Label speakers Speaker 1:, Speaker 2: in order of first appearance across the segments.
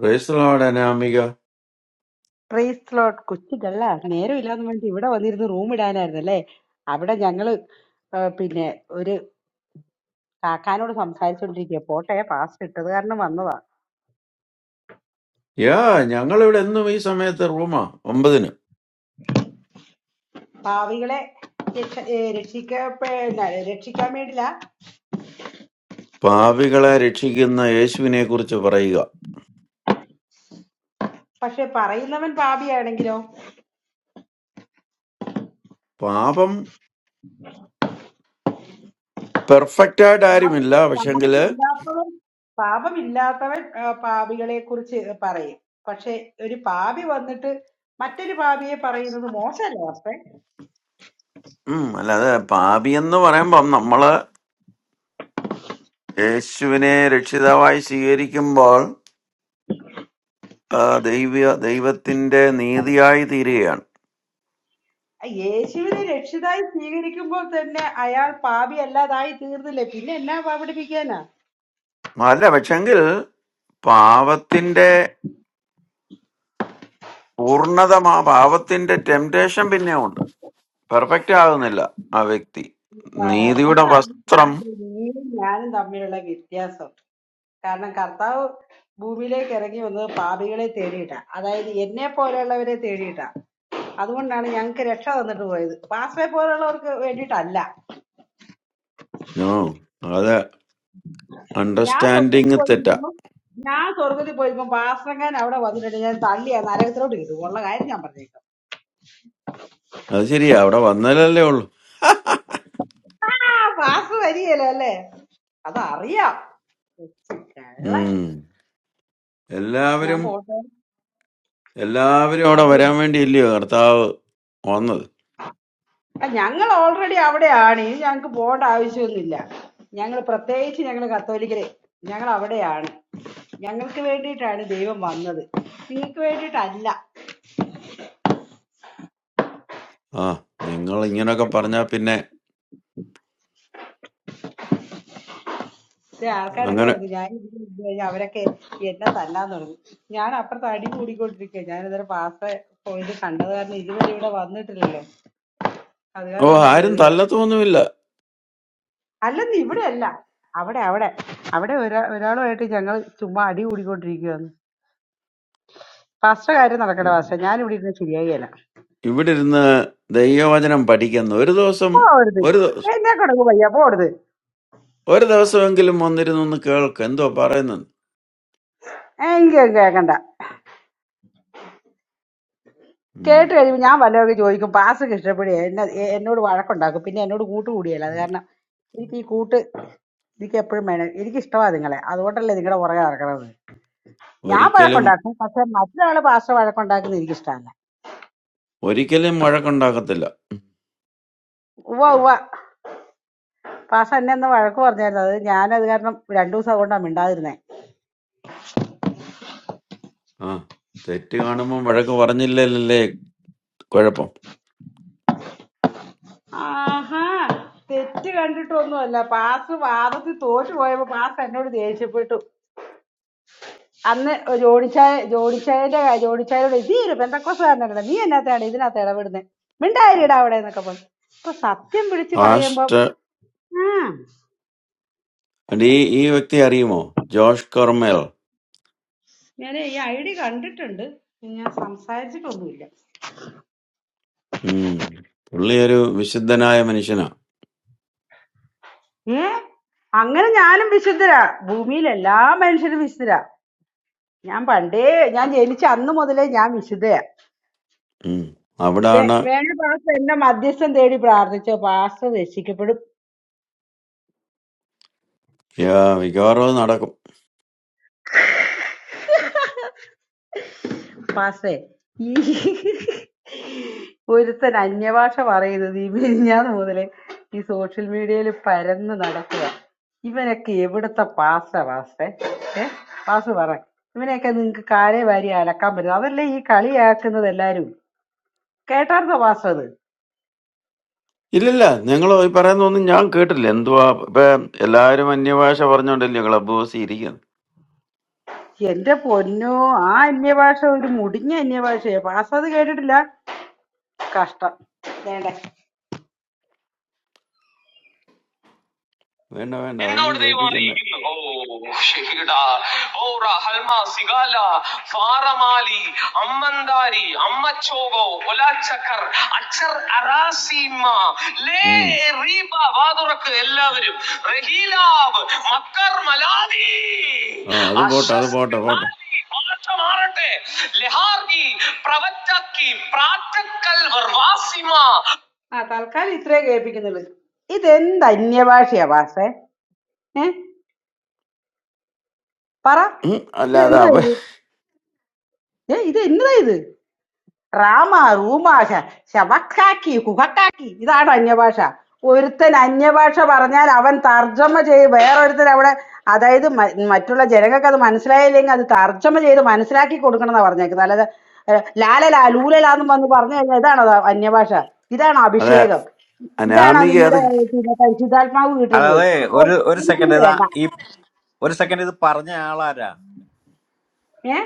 Speaker 1: പ്രേസ്തലോട് Anamika
Speaker 2: price ലോട്ട് കൊച്ചു കള്ള നേരമില്ലാന്ന് പറഞ്ഞിട്ട് ഇവിടെ വന്നിരുന്ന് റൂം ഇടാനായിരുന്നു അല്ലേ അവിടെ ഞങ്ങള് ആ, പിന്നെ ഒരു കാക്കാനോട് സംസാരിച്ചോണ്ടിരിക്കുക പോട്ടെ പാസ് ഇട്ടത് കാരണം വന്നതാ
Speaker 1: യാ ഞങ്ങളിവിടെ എന്നും ഈ സമയത്ത് റൂമാ ഒമ്പതിന്
Speaker 2: പാവികളെ രക്ഷ- ഏ, രക്ഷിക്കപ്പെ ന- രക്ഷിക്കാൻ വേണ്ടില്ല
Speaker 1: പാപികളെ രക്ഷിക്കുന്ന യേശുവിനെ കുറിച്ച് പറയുക
Speaker 2: പക്ഷെ പറയുന്നവൻ പാപിയാണെങ്കിലോ
Speaker 1: പാപം പെർഫെക്റ്റ് ആയിട്ട്
Speaker 2: പാപം
Speaker 1: ആരുമില്ല പക്ഷെങ്കില്
Speaker 2: പാപമില്ലാത്തവൻ പാപമില്ലാത്തവൻ ആ, പാപികളെ കുറിച്ച് പറയും പക്ഷെ ഒരു പാപി വന്നിട്ട് മറ്റൊരു പാപിയെ പറയുന്നത് മോശമല്ലേ അപ്പെ
Speaker 1: ഉം അല്ലാതെ പാപി എന്ന് പറയുമ്പം നമ്മള് യേശുവിനെ രക്ഷിതാവായി സ്വീകരിക്കുമ്പോൾ ആ, ദൈവ ദൈവത്തിന്റെ നീതിയായി തീരുകയാണ്
Speaker 2: ആ യേശുവിനെ രക്ഷിതായി സ്വീകരിക്കുമ്പോൾ തന്നെ അയാൾ പാപി അല്ലാതായി തീർന്നില്ലേ പിന്നെ എന്നാ പാപിടിപ്പിക്കാനാ
Speaker 1: അല്ല പക്ഷെങ്കിൽ പാപത്തിന്റെ പൂർണത മാ- പാപത്തിന്റെ ടെംപ്ടേഷൻ പിന്നെ ഉണ്ട് പെർഫെക്റ്റ് ആകുന്നില്ല ആ വ്യക്തി
Speaker 2: ആ,
Speaker 1: നീതിയുടെ
Speaker 2: ഇതാണ്
Speaker 1: വസ്ത്രം
Speaker 2: നീയും ഞാനും തമ്മിലുള്ള വ്യത്യാസം കാരണം കർത്താവ് ഭൂമിയിലേക്ക് ഇറങ്ങി വന്നത് പാപികളെ തേടിയിട്ടാ അതായത് എന്നെ പോലെയുള്ളവരെ തേടിയിട്ടാ അതുകൊണ്ടാണ് ഞങ്ങൾക്ക് രക്ഷ തന്നിട്ട് പോയത് പാസ്റ്ററെ പോലുള്ളവർക്ക് വേണ്ടിയിട്ടല്ല
Speaker 1: നോ അത്
Speaker 2: ഞാൻ സ്വർഗത്തിൽ
Speaker 1: അണ്ടർസ്റ്റാൻഡിങ് തെറ്റാ
Speaker 2: പോയിരിക്കുമ്പോ ഞാൻ സ്വർഗത്തിൽ പോയിരിക്കുമ്പോ പാസ്റ്ററങ്ങാൻ അവിടെ വന്നിട്ടുണ്ട് ഞാൻ തള്ളിയാ നരകത്തിലോട്ട് കിട്ടും ഉള്ള കാര്യം ഞാൻ പറഞ്ഞു
Speaker 1: അത് ശരിയാ അവിടെ വന്നാലല്ലേ ഉള്ളു
Speaker 2: ആ പാസ് വരികയില്ല അല്ലേ അതറിയാം കൊച്ചു കള്ളൻ
Speaker 1: ഉം.
Speaker 2: ഞാൻ
Speaker 1: എല്ലാവരും
Speaker 2: പോട്ടെ
Speaker 1: എല്ലാവരും അവിടെ
Speaker 2: അവിടെ
Speaker 1: വരാൻ വേണ്ടിയില്ലയോ കർത്താവ് വന്നത്
Speaker 2: ആ, ഞങ്ങൾ ഓൾറെഡി അവിടെയാണ് ഇനി ഞങ്ങൾക്ക് പോകേണ്ട ആവശ്യമൊന്നുമില്ല ഞങ്ങൾ പ്രത്യേകിച്ച് ഞങ്ങൾ കത്തോലിക്കരെ ഞങ്ങൾ അവിടെയാണ് ഞങ്ങൾക്ക് വേണ്ടിയിട്ടാണ് ദൈവം വന്നത് നിങ്ങൾക്ക് വേണ്ടിയിട്ടല്ല
Speaker 1: ആ നിങ്ങൾ ഇങ്ങനൊക്കെ പറഞ്ഞാ പിന്നെ
Speaker 2: ചില ആൾക്കാരൊക്കെ
Speaker 1: അങ്ങനെ
Speaker 2: വന്നു ഞാൻ ഇതിന് മുമ്പ് കഴിഞ്ഞാൽ അവരൊക്കെ എന്നെ തല്ലാൻ തുടങ്ങി ഞാൻ അപ്പുറത്ത് അടി കൂടിക്കൊണ്ടിരിക്കുക ഞാൻ ഇതൊരു പാസ് പോയത് കണ്ടത് കാരണം ഇതുവരെ ഇവിടെ വന്നിട്ടില്ലല്ലോ അത്
Speaker 1: ഓ
Speaker 2: കാരണം ഒന്ന്
Speaker 1: ആരും
Speaker 2: കേറിയതാ
Speaker 1: തല്ലത്തൊന്നുമില്ല
Speaker 2: അല്ലെന്ന് ഇവിടെ അല്ല അവിടെ അവിടെ അവിടെ ഒരാ ഒരാളുമായിട്ട് ഞങ്ങൾ ചുമ്മാ അടി കൂടിക്കൊണ്ടിരിക്കുകയാണ് ഫാസ്റ്റ കാര്യം നടക്കട്ടെ ഫാസ്റ്റ ഞാൻ ഇവിടെ ഇരുന്ന് ശരിയായില്ല
Speaker 1: ഇവിടെ ഇരുന്ന് ദൈവവചനം പഠിക്കുന്ന ഒരു ദിവസം
Speaker 2: പോകരുത്
Speaker 1: ഒരു ദിവസം
Speaker 2: എന്നെ കൊണ്ടങ്ങ് വയ്യ പോകരുത്
Speaker 1: ഒരു ദിവസമെങ്കിലും വന്നിരുന്നു ഒന്ന് കേൾക്ക് എന്തോ പറയുന്നത്
Speaker 2: എനിക്ക് കേൾക്കണ്ട
Speaker 1: ഉം.
Speaker 2: കേട്ട് കഴിയുമ്പോൾ ഞാൻ വല്ലവർക്ക് ചോദിക്കും പാസ് ഇഷ്ടപ്പെടുക എന്നെ എ- എന്നോട് വഴക്കുണ്ടാക്കും പിന്നെ എന്നോട് കൂട്ട് കൂടിയല്ല അത് കാരണം എനിക്ക് ഈ കൂട്ട് എനിക്ക് എപ്പോഴും വേണം എനിക്ക് ഇഷ്ടമാണ് നിങ്ങളെ അതുകൊണ്ടല്ലേ നിങ്ങളുടെ പുറകെ നടക്കണത് ഞാൻ
Speaker 1: ഒരിക്കലും
Speaker 2: വഴക്കുണ്ടാക്കും പക്ഷെ മറ്റൊരാൾ പാസ്റ്റർ വഴക്കുണ്ടാക്കുന്നത് എനിക്ക് ഇഷ്ടമല്ല
Speaker 1: ഒരിക്കലും വഴക്കുണ്ടാക്കത്തില്ല
Speaker 2: ഉവ്വ ഉവ്വ പാഷ എന്നെ ഒന്ന് വഴക്ക് പറഞ്ഞായിരുന്നു അത് ഞാനത് കാരണം രണ്ടു ദിവസം അതുകൊണ്ടാണ് മിണ്ടാതിരുന്നേ
Speaker 1: ആ തെറ്റ് കാണുമ്പോൾ വഴക്ക് പറഞ്ഞില്ലല്ലേ കുഴപ്പം
Speaker 2: ആഹാ തെറ്റ് കണ്ടിട്ടൊന്നുമല്ല പാസ് വാദത്തിൽ തോറ്റു പോയപ്പോ പാസ് എന്നോട് ദേഷ്യപ്പെട്ടു അന്ന് ജോണിച്ചായ ജോണിച്ചായന്റെ കാ- ജോണിച്ചായയോട് ഇത് ഒരു പെന്തക്കോസുകാരനാണ് നീ എന്നാത്താണ് ഇതിനകത്ത് ഇടപെടുന്നത് മിണ്ടായിരിടാ അവിടെ എന്നൊക്കെ പറഞ്ഞു അപ്പൊ സത്യം പിടിച്ച് പറയുമ്പോ
Speaker 1: പാസ്റ്റർ
Speaker 2: ആ
Speaker 1: ഈ ഈ വ്യക്തി അറിയുമോ ജോഷ് കൊർമേൽ
Speaker 2: ഞാൻ ഈ ഐ ഡി കണ്ടിട്ടുണ്ട് ഞാൻ സംസാരിച്ചിട്ടൊന്നുമില്ല
Speaker 1: ഉം. പുള്ളി ഒരു വിശുദ്ധനായ മനുഷ്യനാ
Speaker 2: ഏ അങ്ങനെ ഞാനും വിശുദ്ധരാ ഭൂമിയിൽ എല്ലാ മനുഷ്യരും വിശുദ്ധരാ ഞാൻ പണ്ടേ ഞാൻ ജനിച്ച അന്ന് മുതലേ ഞാൻ വിശുദ്ധയാ
Speaker 1: ഉം.
Speaker 2: വേ-
Speaker 1: അവിടാണ്
Speaker 2: വേണ പാസ്റ്റർ എന്നെ മധ്യസ്ഥം തേടി പ്രാർത്ഥിച്ചോ പാസ്റ്റർ രക്ഷിക്കപ്പെടും
Speaker 1: യാ- മിക്കവാറും അത് നടക്കും
Speaker 2: പാസ്റ്റേ ഈ ഒരുത്തൻ അന്യഭാഷ പറയുന്നത് ഈ മെരിഞ്ഞാന്ന് മുതലേ ഈ സോഷ്യൽ മീഡിയയിൽ പരന്ന് നടക്കുക ഇവനൊക്കെ എവിടുത്തെ പാസ്റ്റ പാസ്റ്റേ ഏ പാസ് പറ ഇവനെയൊക്കെ നിങ്ങക്ക് കാലേ വാരി അലക്കാൻ പറ്റും അതല്ലേ ഈ കളിയാക്കുന്നത് എല്ലാരും കേട്ടായിരുന്നോ പാസ്റ്റർ അത്
Speaker 1: ഇല്ലില്ല നിങ്ങൾ ഈ പറയുന്നൊന്നും ഞാൻ കേട്ടില്ല എന്തുവാ ഇപ്പൊ എല്ലാവരും അന്യഭാഷ പറഞ്ഞോണ്ടല്ലേ ക്ലബ് ഹൗസി ഇരിക്കുന്നത്
Speaker 2: എന്റെ പൊന്നോ ആ അന്യഭാഷ ഒരു മുടിഞ്ഞ അന്യഭാഷയാ പാസ്സാത് കേട്ടിട്ടില്ല കഷ്ടം വേണ്ട
Speaker 1: വേണ്ട വേണ്ട അതൊന്നും
Speaker 2: എന്നോട് ദൈവം
Speaker 1: കേൾപ്പിക്കണ്ട
Speaker 2: അറിയിക്കുന്നു ഓ ഷെഹിഡാ ഓറ ഹൽമ സിഗാല ഫാറമാലി അമ്മന്താരി അമ്മച്ചോഗോ ഒലാച്ചക്കർ അച്ചർ അറാസീമ ലേ
Speaker 1: ഉം.
Speaker 2: റീബ വാതുറക്ക് എല്ലാവരും റഹീലാവ് മക്കർ മലാദി
Speaker 1: ആ അത് പോട്ടെ അത്
Speaker 2: അശസ്
Speaker 1: പോട്ടെ പോട്ടെ
Speaker 2: ഖിറാലി, ഭാഷ മാറട്ടെ ലെഹാർഗി പ്രവറ്റക്കി പ്രാറ്റക്കൽ വർവാസിമ ആ തൽക്കാലം ഇത്രേ കേൾപ്പിക്കുന്നുള്ളൂ ഇതെന്ത് അന്യഭാഷയാ വാസേ ഏ പറ
Speaker 1: ഉം. അല്ല
Speaker 2: ഇത്
Speaker 1: അത്
Speaker 2: എന്തോ
Speaker 1: അപ്പൊ
Speaker 2: ഇത് ഏ ഇത് എന്നതാ ഇത് റാമ റൂമാശ ശവക്കാക്കി കുഹക്കാക്കി ഇതാണ് അന്യഭാഷ ഒരുത്തൻ അന്യഭാഷ പറഞ്ഞാൽ അവൻ തർജ്ജമ ചെയ്ത് വേറൊരുത്തൻ അവിടെ അതായത് മ- മറ്റുള്ള ജനങ്ങൾക്ക് അത് മനസ്സിലായില്ലെങ്കിൽ അത് തർജ്ജമ ചെയ്ത് മനസ്സിലാക്കി കൊടുക്കണം എന്നാ പറഞ്ഞേക്കുന്നത് അല്ലാതെ ഏ, ലാലലാ ലൂലലാന്ന് വന്ന് പറഞ്ഞു കഴിഞ്ഞാൽ ഇതാണോ ദാ അന്യഭാഷ ഇതാണോ
Speaker 1: അതെ
Speaker 2: അഭിഷേകം ഇതാണോ
Speaker 1: അനാമിക അത്
Speaker 2: നിങ്ങളുടെ പിന്നെ പരിശുദ്ധാത്മാവ് കിട്ടുന്നത്
Speaker 3: അതായത്
Speaker 2: ഓ,
Speaker 3: ഒരു ഒരു
Speaker 2: എനിക്കിത്
Speaker 3: സെക്കൻഡ് ഇതാ
Speaker 2: വേണ്ട
Speaker 3: ഈ ഒരു സെക്കൻഡ് ഇത് പറഞ്ഞ ആളാരാ
Speaker 2: ഏ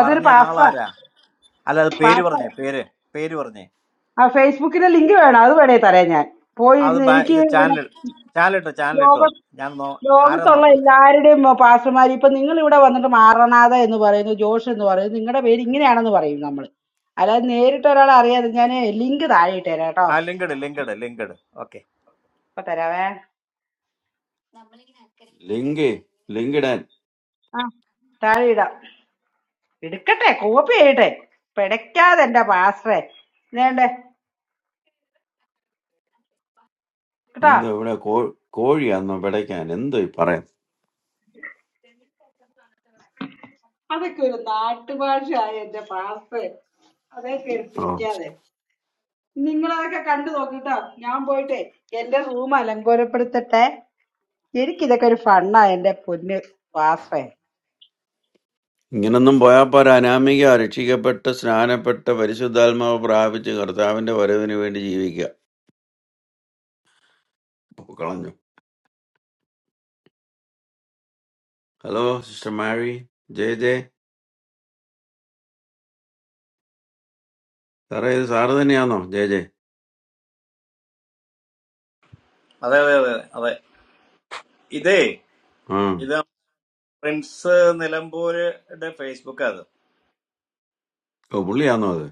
Speaker 2: അതൊരു
Speaker 3: പറഞ്ഞ
Speaker 2: പാസ്വാ
Speaker 3: ആളാരാ അല്ല അത് പേര്
Speaker 2: പാസ്വ
Speaker 3: പറഞ്ഞേ പേര് പേര് പറഞ്ഞേ
Speaker 2: ആ ഫേസ്ബുക്കിന്റെ ലിങ്ക് വേണം അത് വേണേ തരാം ഞാൻ
Speaker 3: അത്
Speaker 2: പോയിരുന്നു
Speaker 3: ബാ-
Speaker 2: എനിക്ക്
Speaker 3: ഇത്
Speaker 2: പിന്നെ
Speaker 3: ചാനൽ ചാനലിട്ടോ
Speaker 2: ലോക
Speaker 3: ചാനലിട്ടോ ഞാൻ നോ ആരാ
Speaker 2: ലോകത്തുള്ള
Speaker 3: നോക്കട്ടെ
Speaker 2: എല്ലാവരുടെയും പാസ്റ്റർമാർ ഇപ്പൊ നിങ്ങൾ ഇവിടെ വന്നിട്ട് മാറണാഥ എന്ന് പറയുന്നു ജോഷ് എന്ന് പറയുന്നു നിങ്ങളുടെ പേര് ഇങ്ങനെയാണെന്ന് പറയും നമ്മൾ അല്ലാതെ നേരിട്ട് ഒരാളെ അറിയാതെ ഞാൻ ലിങ്ക് താഴെ ഇട്ട് തരാം കേട്ടോ
Speaker 3: ആ ലിങ്കഡ് ലിങ്കഡ് ലിങ്കഡ് ഓക്കെ
Speaker 2: ഇപ്പൊ തരാവേ
Speaker 1: ലിങ്ക് ലിങ്കിടാൻ
Speaker 2: ആ താഴെ ഇടാം എടുക്കട്ടെ കോപ്പി ചെയ്യട്ടെ പിടയ്ക്കാതെ എന്റെ പാസ്റ്ററെ വേണ്ടേ കേട്ടോ
Speaker 1: എന്തോ ഇവിടെ കോ- കോഴിയാന്നോ പിടയ്ക്കാൻ എന്തോ ഈ പറയാൻ
Speaker 2: അതൊക്കെ ഒരു നാട്ടുഭാഷയായ എന്റെ പാസ്റ്ററെ അതേ കയറി
Speaker 1: ആ.
Speaker 2: പിടിക്കാതെ നിങ്ങളതൊക്കെ കണ്ടു നോക്കിട്ടോ ഞാൻ പോയിട്ടെ എന്റെ റൂം അലങ്കോലപ്പെടുത്തട്ടെ എനിക്കിതൊക്കെ ഒരു ഫണ്ണാ എന്റെ പൊന്ന് വാസേ
Speaker 1: ഇങ്ങനൊന്നും പോയാൽ പോരാ അനാമിക രക്ഷിക്കപ്പെട്ട് സ്നാനപ്പെട്ട് പരിശുദ്ധാത്മാവ് പ്രാപിച്ച് കർത്താവിന്റെ വരവിന് വേണ്ടി ജീവിക്കുക പോ, കളഞ്ഞു hello sister Mary J J സാറേ ഇത് സാറ് തന്നെയാണോ ജെ ജെ
Speaker 3: അതെ അതെ അതെ അതെ ഇതേ
Speaker 1: ആ
Speaker 3: ഇത് പ്രിൻസ് നിലമ്പൂരുടെ ഫേസ്ബുക്ക് അത്
Speaker 1: ഓ പുള്ളിയാന്നോ അത്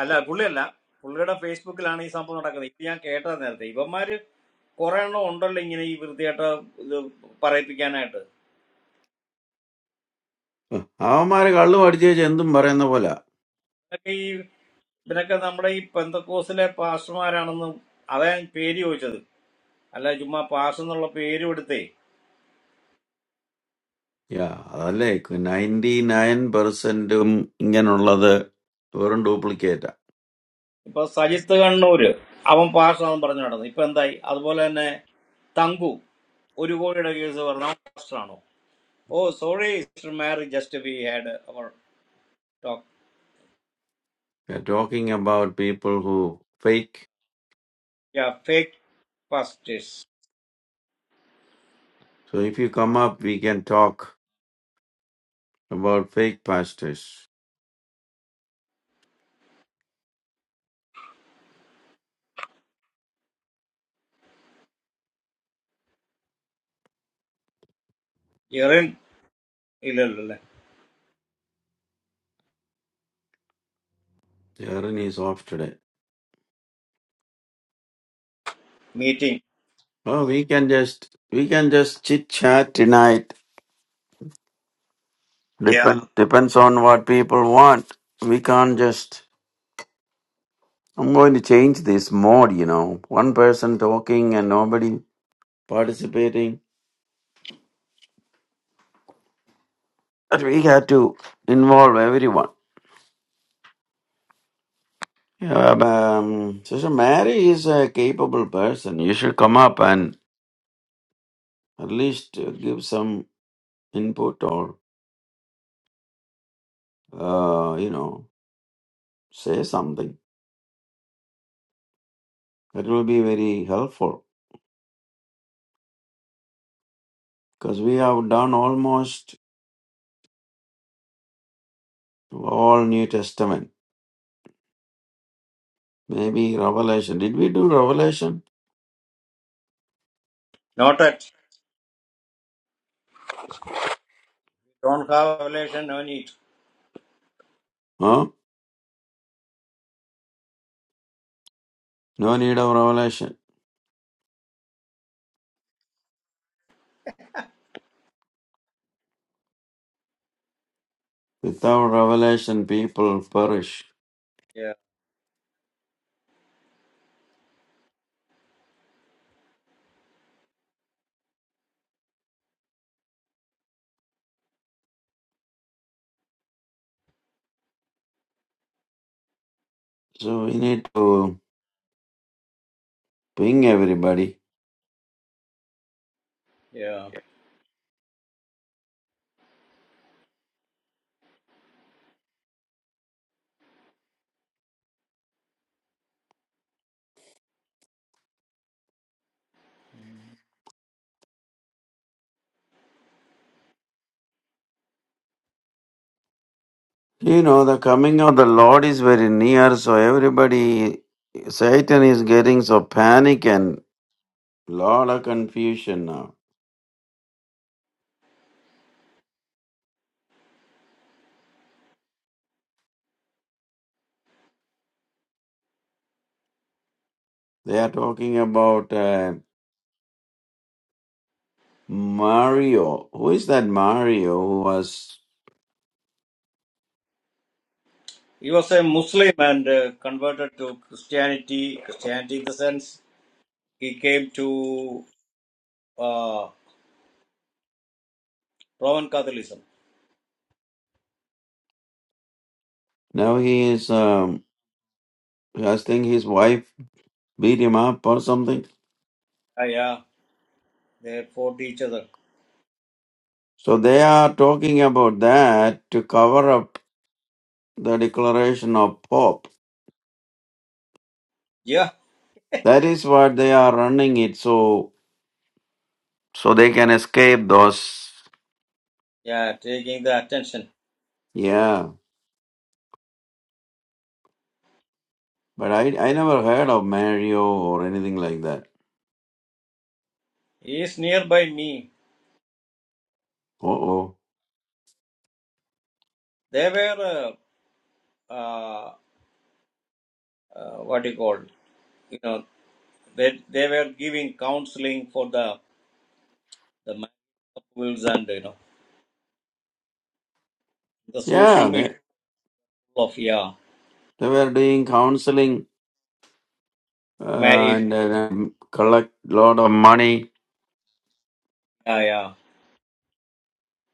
Speaker 3: അല്ല പുള്ളിയല്ല പുള്ളിയുടെ ഫേസ്ബുക്കിലാണ് ഈ സംഭവം നടക്കുന്നത് ഇത് ഞാൻ കേട്ടത് നേരത്തെ ഇവന്മാര് കുറെ എണ്ണം ഉണ്ടല്ലോ ഇങ്ങനെ ഈ വൃത്തിയായിട്ട് ഇത് പറയിപ്പിക്കാനായിട്ട്
Speaker 1: ഉം. അവന്മാര് കള്ളു പഠിച്ചു വെച്ച് എന്തും പറയുന്ന പോലെ
Speaker 3: ഇതൊക്കെ ഈ ഇവരൊക്കെ നമ്മുടെ ഈ പെന്തക്കോസിലെ പാസ്റ്റർമാരാണെന്നും അതാ ഞാൻ പേര് ചോദിച്ചത് അല്ല ചുമ്മാ പാസ്റ്റർ എന്നുള്ള പേര് എടുത്തേ
Speaker 1: യാ അതല്ലേ നയൻറ്റി നയൻ പെർസെന്റും ഇങ്ങനുള്ളത് വെറും ഡ്യൂപ്ലിക്കേറ്റാ
Speaker 3: ഇപ്പൊ സജിത്ത് കണ്ണൂര് അവൻ പാസ്റ്ററാണെന്ന് പറഞ്ഞു നടന്നു ഇപ്പൊ എന്തായി അതുപോലെ തന്നെ തങ്കു ഒരു കോടിയുടെ കേസ് പറഞ്ഞ പാസ്റ്ററാണോ oh sorry sister Mary just we had our
Speaker 1: talking about people who fake
Speaker 3: talk fake pastors
Speaker 1: So if you come up, we can talk about fake pastors.
Speaker 3: ഇറൻ ഇല്ലല്ലോ അല്ലേ
Speaker 1: Jaren is off today.
Speaker 3: Meeting
Speaker 1: Oh, we can just we can just chit chat tonight. Depend, yeah. depends on what people want. We can't just. I'm going to change this mode. You know, one person talking and nobody participating. But we have to involve everyone. Yeah, but, um, Sister Mary is a capable person. You should come up and at least uh, give some input or uh, you know say something. That will be very helpful because we have done almost all New Testament. Maybe Revelation. Did we do Revelation?
Speaker 3: Not at don't have relation no need
Speaker 1: Huh? No need of Revelation. Without Revelation, people perish. So we need to ping everybody. You know, the coming of the Lord is very near, so everybody, Satan is getting so panic and lot of confusion now. They are talking about. Uh, Mario. Who is that Mario who was
Speaker 3: He was a Muslim and uh, converted to Christianity. Christianity, in the sense, he came to uh, Roman Catholicism.
Speaker 1: now he is um I think his wife beat him up or something.
Speaker 3: Ah, yeah, they fought each other.
Speaker 1: So they are talking about that to cover up the declaration of Pope.
Speaker 3: Yeah,
Speaker 1: That is what they are running it so so they can escape those
Speaker 3: yeah, taking the attention.
Speaker 1: yeah. But I I never heard of Mario or anything like that.
Speaker 3: He is nearby me.
Speaker 1: Uh oh.
Speaker 3: They were, uh, uh, uh, what do you call, you know, they, they were giving counseling for the the married couples and you know the social
Speaker 1: Yeah,
Speaker 3: media
Speaker 1: they
Speaker 3: of yeah
Speaker 1: they were doing counseling uh,
Speaker 3: married
Speaker 1: and uh, collect lot of money
Speaker 3: yeah yeah.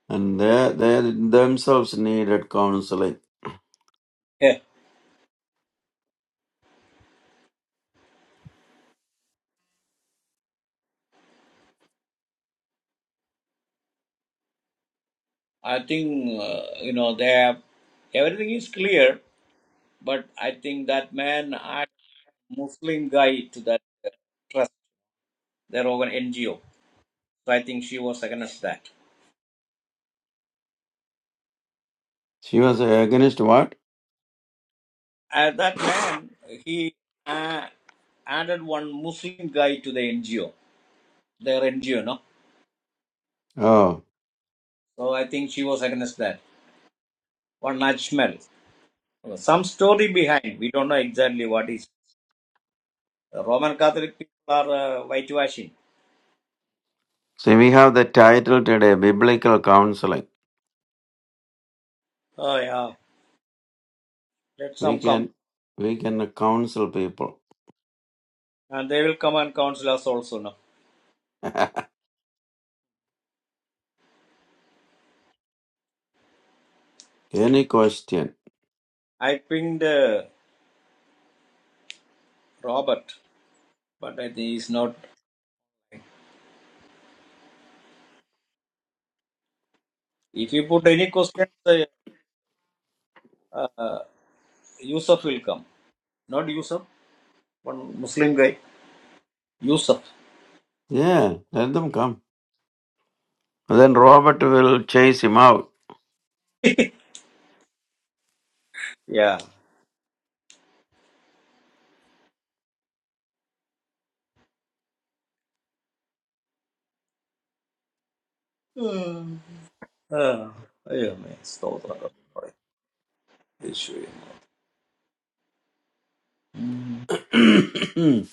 Speaker 1: and they, they themselves needed counseling.
Speaker 3: yeah. I think uh, you know they have everything is clear But I think that man add Muslim guy to that uh, trust, their own NGO. So I think she was against that.
Speaker 1: She was against what?
Speaker 3: And that man, he uh, added one Muslim guy to the NGO, their NGO, no?
Speaker 1: Oh,
Speaker 3: So I think she was against that. One Najmal. Some story behind. We don't know exactly what is. The Roman Catholic people are uh, whitewashing.
Speaker 1: see, we have the title today, biblical counseling.
Speaker 3: Oh, yeah. Let
Speaker 1: We
Speaker 3: some come.
Speaker 1: can, we can counsel people.
Speaker 3: And they will come and counsel us also, no?
Speaker 1: Any question?
Speaker 3: I pinged uh, Robert, but I think he's not If you put any question, uh, uh, Yusuf will come. Not Yusuf, one Muslim guy. Yusuf.
Speaker 1: Yeah, let them come. Then Robert will chase him out.
Speaker 3: yeah. Hmm. Uh, yeah, man. Stotram. Issue. Mm.
Speaker 1: Invite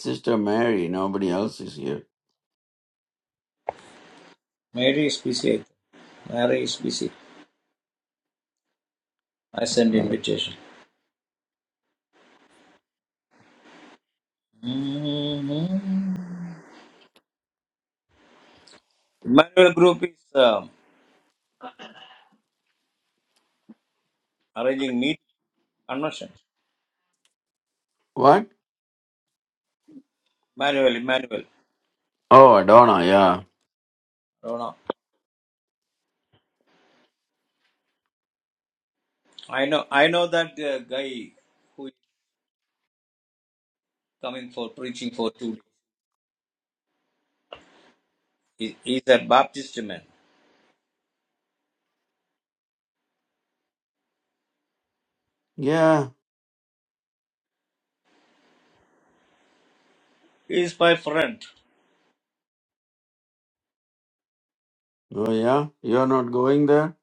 Speaker 1: Sister Mary. Nobody else is here.
Speaker 3: Mary is busy. Mary is busy. I send invitation. Mm-hmm. Emmanuel Group is um, arranging meet convention.
Speaker 1: What?
Speaker 3: Emmanuel, Emmanuel.
Speaker 1: Oh, Adonna. Yeah.
Speaker 3: I don't know. I know. I know that uh, guy who is coming for preaching for two days. He, he's a Baptist man.
Speaker 1: Yeah.
Speaker 3: He is my friend.
Speaker 1: Oh, yeah. You are not going there.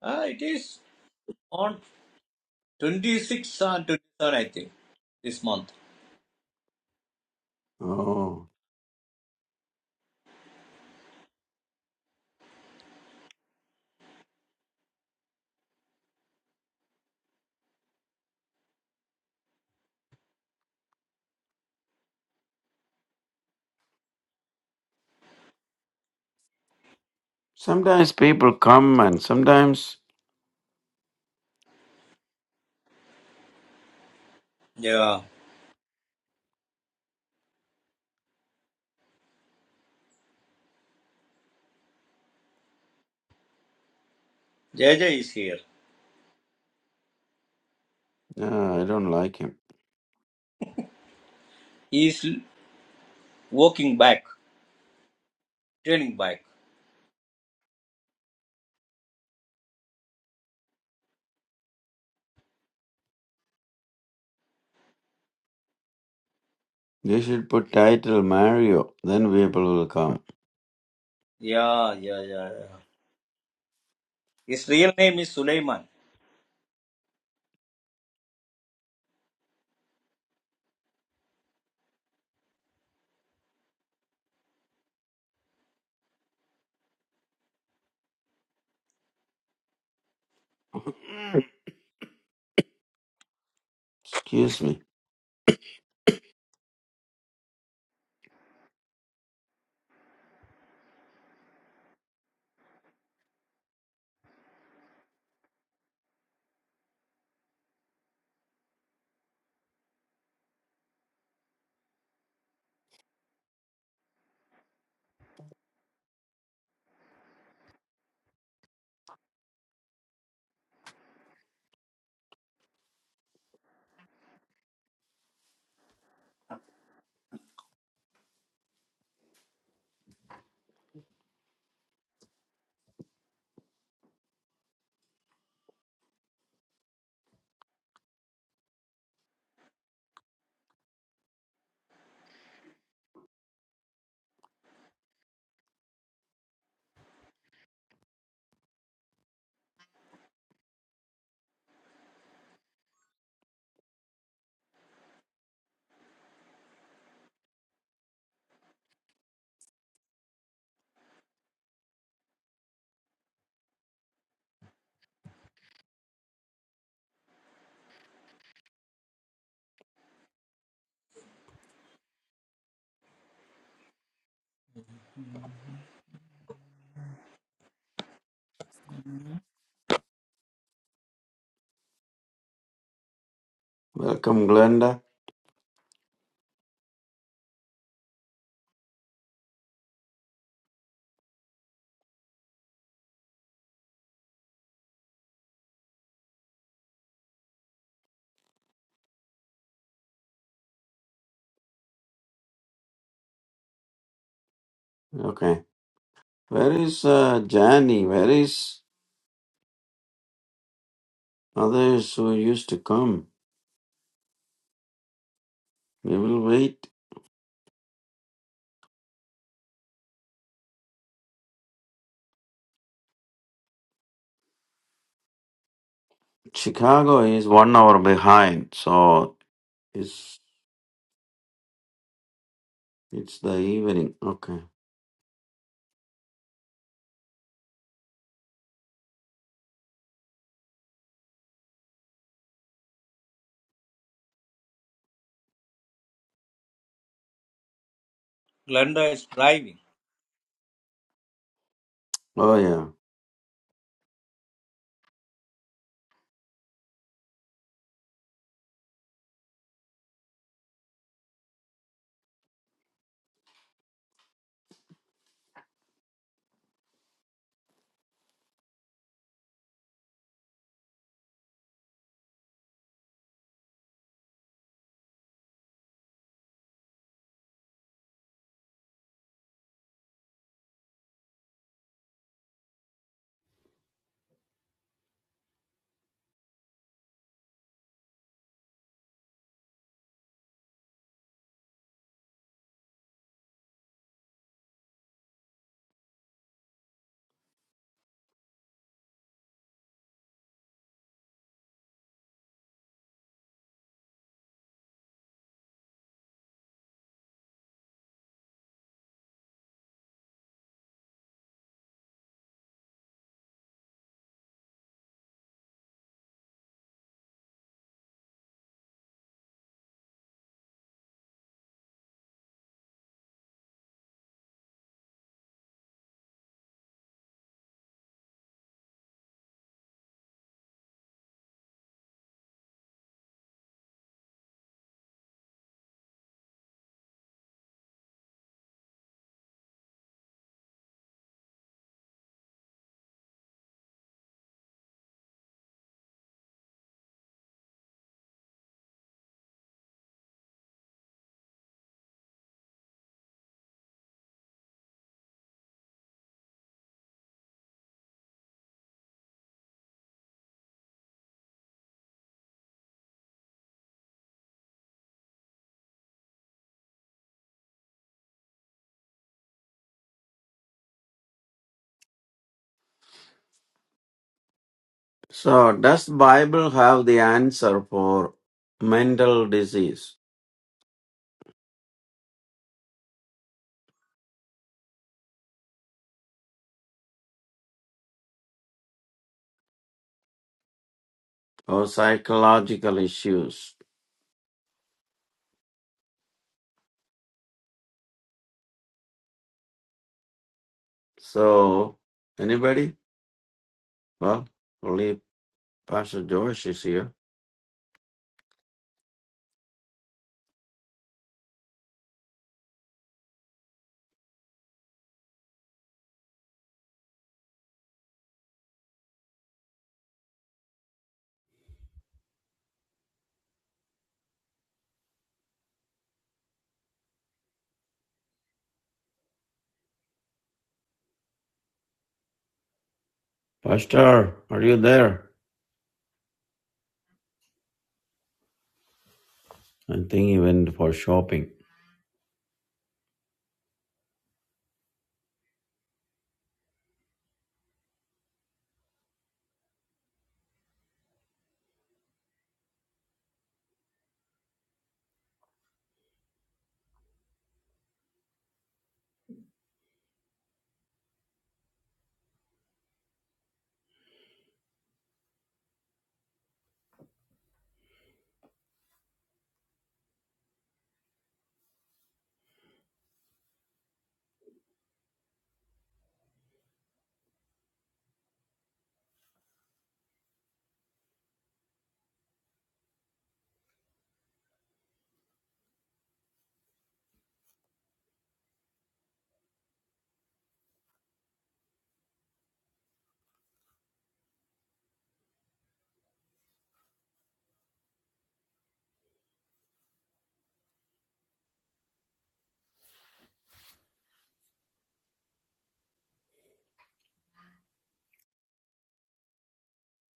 Speaker 3: Ah, it is on twenty-sixth and 27, I think, this month.
Speaker 1: Oh. Sometimes people come and sometimes
Speaker 3: Yeah. JJ is here.
Speaker 1: Ah, I don't like him.
Speaker 3: He is walking back, turning back.
Speaker 1: They should put title Mario, then people will come.
Speaker 3: Yeah, yeah, yeah, yeah. His real name is Suleiman.
Speaker 1: Excuse me. Welcome, Glenda. Okay. Where is uh, Jani? Where is others who used to come? We will wait. Chicago is one hour behind, so it's it's the evening. Okay.
Speaker 3: Glenda is driving.
Speaker 1: Oh yeah. So does Bible have the answer for mental disease or psychological issues? So, anybody? Well, only Pastor Joyce is here. Pastor, are you there? I think he went for shopping.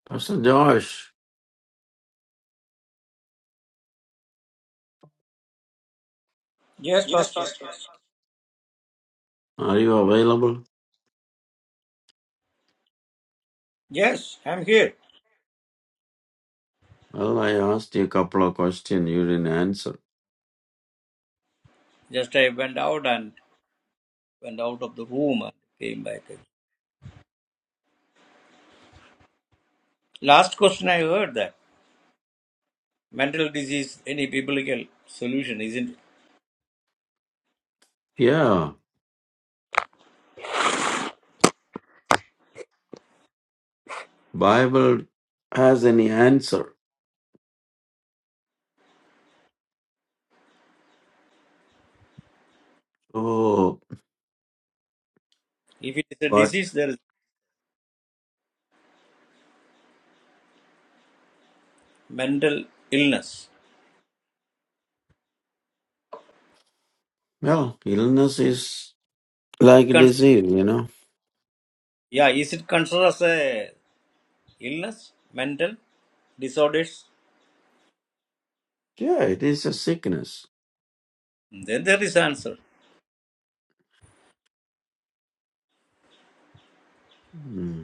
Speaker 1: Pastor Joyce,
Speaker 3: Yes, Pastor. Yes, Pastor.
Speaker 1: are you available?
Speaker 3: Yes, I'm here.
Speaker 1: Well, I asked you a couple of questions. You didn't answer.
Speaker 3: Just I went out and went out of the room and came back. Last question I heard that mental disease, any biblical solution, isn't it?
Speaker 1: Yeah, Bible has any answer. Oh,
Speaker 3: If it is a
Speaker 1: but
Speaker 3: disease, there is mental illness.
Speaker 1: well, illness is
Speaker 3: it
Speaker 1: like
Speaker 3: cons-
Speaker 1: disease, you know.
Speaker 3: yeah, is it considered as a illness, mental disorders?
Speaker 1: Yeah, it is a sickness.
Speaker 3: Then there is answer.
Speaker 1: Hmm.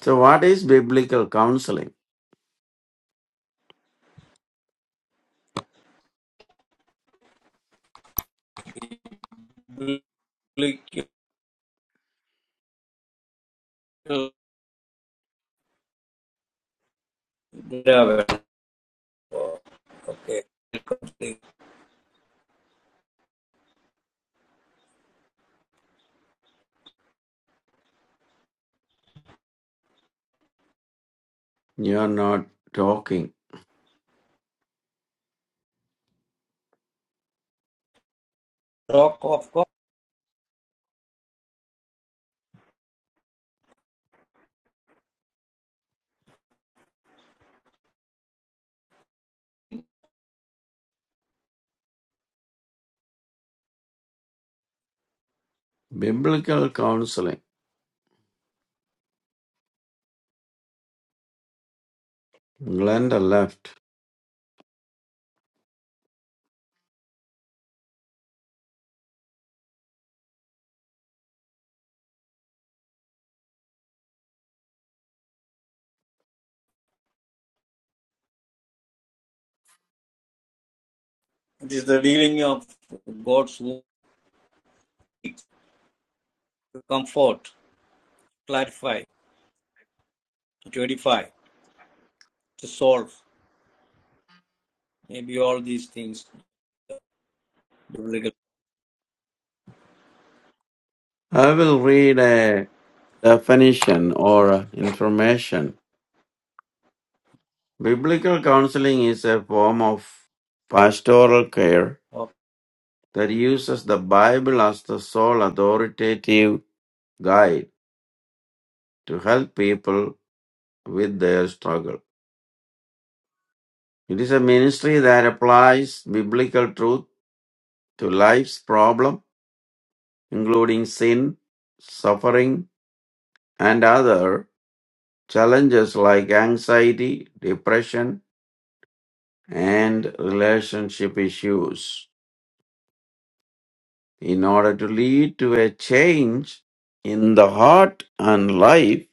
Speaker 1: So, what is biblical counseling?
Speaker 3: Glyco- Okay. The
Speaker 1: You are not talking.
Speaker 3: Talk of God.
Speaker 1: Biblical counseling. Glenda left.
Speaker 3: It is the dealing of God's word to comfort, clarify, to edify, to solve. Maybe all these things. biblical.
Speaker 1: I will read a definition or information. Biblical counseling is a form of pastoral care
Speaker 3: Okay.
Speaker 1: that uses the Bible as the sole authoritative guide to help people with their struggle. It is a ministry that applies biblical truth to life's problem, including sin, suffering, and other Challenges like anxiety, depression, and relationship issues. In order to lead to a change in the heart and life,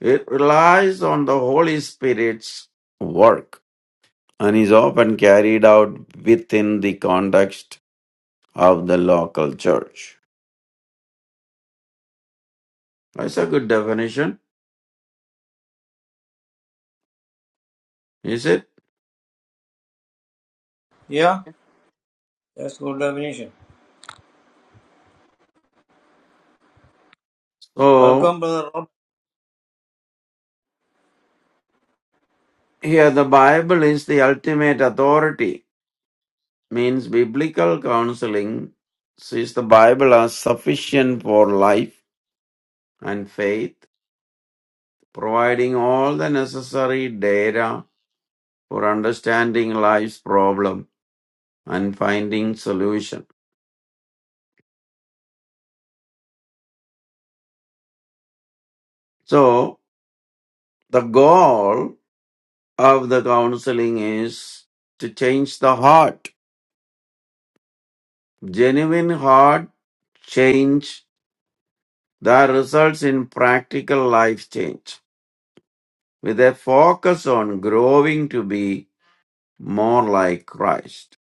Speaker 1: it relies on the Holy Spirit's work and is often carried out within the context of the local church. That's a good definition, is it?
Speaker 3: Yeah, that's good definition.
Speaker 1: So,
Speaker 3: Welcome, brother Rob.
Speaker 1: here the Bible is the ultimate authority means biblical counseling sees the Bible as sufficient for life and faith, providing all the necessary data for understanding life's problem and finding solution. So, the goal of the counseling is to change the heart. Genuine heart change that results in practical life change with a focus on growing to be more like Christ.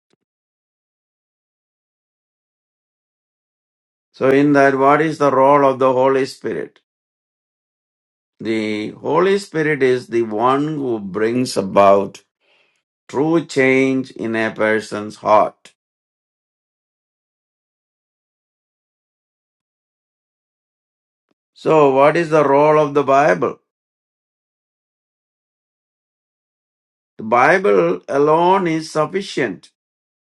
Speaker 1: So, in that, what is the role of the Holy Spirit? The Holy Spirit is the one who brings about true change in a person's heart. So, what is the role of the Bible? The Bible alone is sufficient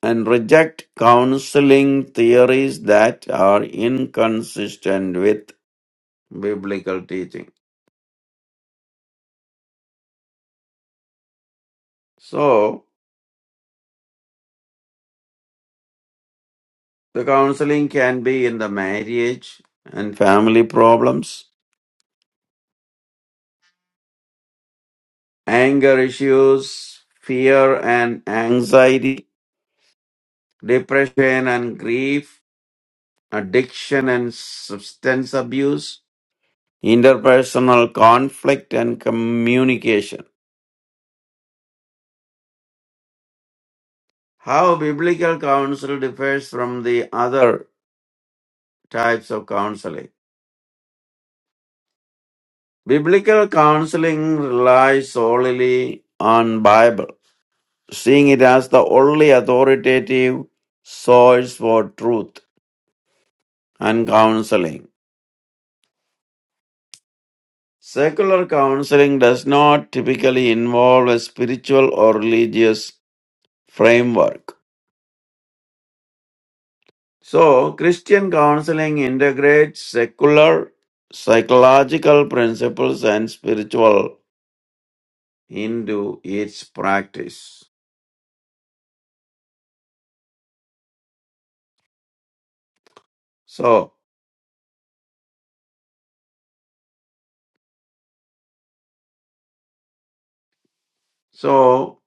Speaker 1: and reject counseling theories that are inconsistent with biblical teaching. So, the counseling can be in the marriage and family problems anger issues, fear and anxiety, depression and grief, addiction and substance abuse, interpersonal conflict and communication. How biblical counsel differs from the other types of counseling. Biblical counseling relies solely on Bible, seeing it as the only authoritative source for truth and counseling. Secular counseling does not typically involve a spiritual or religious framework. So, Christian counseling integrates secular psychological principles and spiritual into its practice. So, so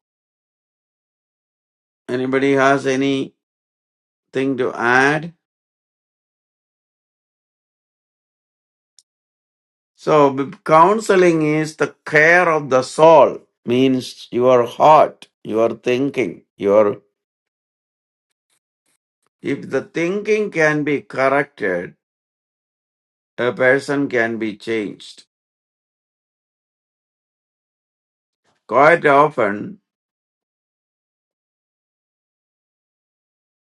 Speaker 1: anybody has anything to add? So, b- counseling is the care of the soul, means your heart, your thinking, your If the thinking can be corrected, a person can be changed. Quite often,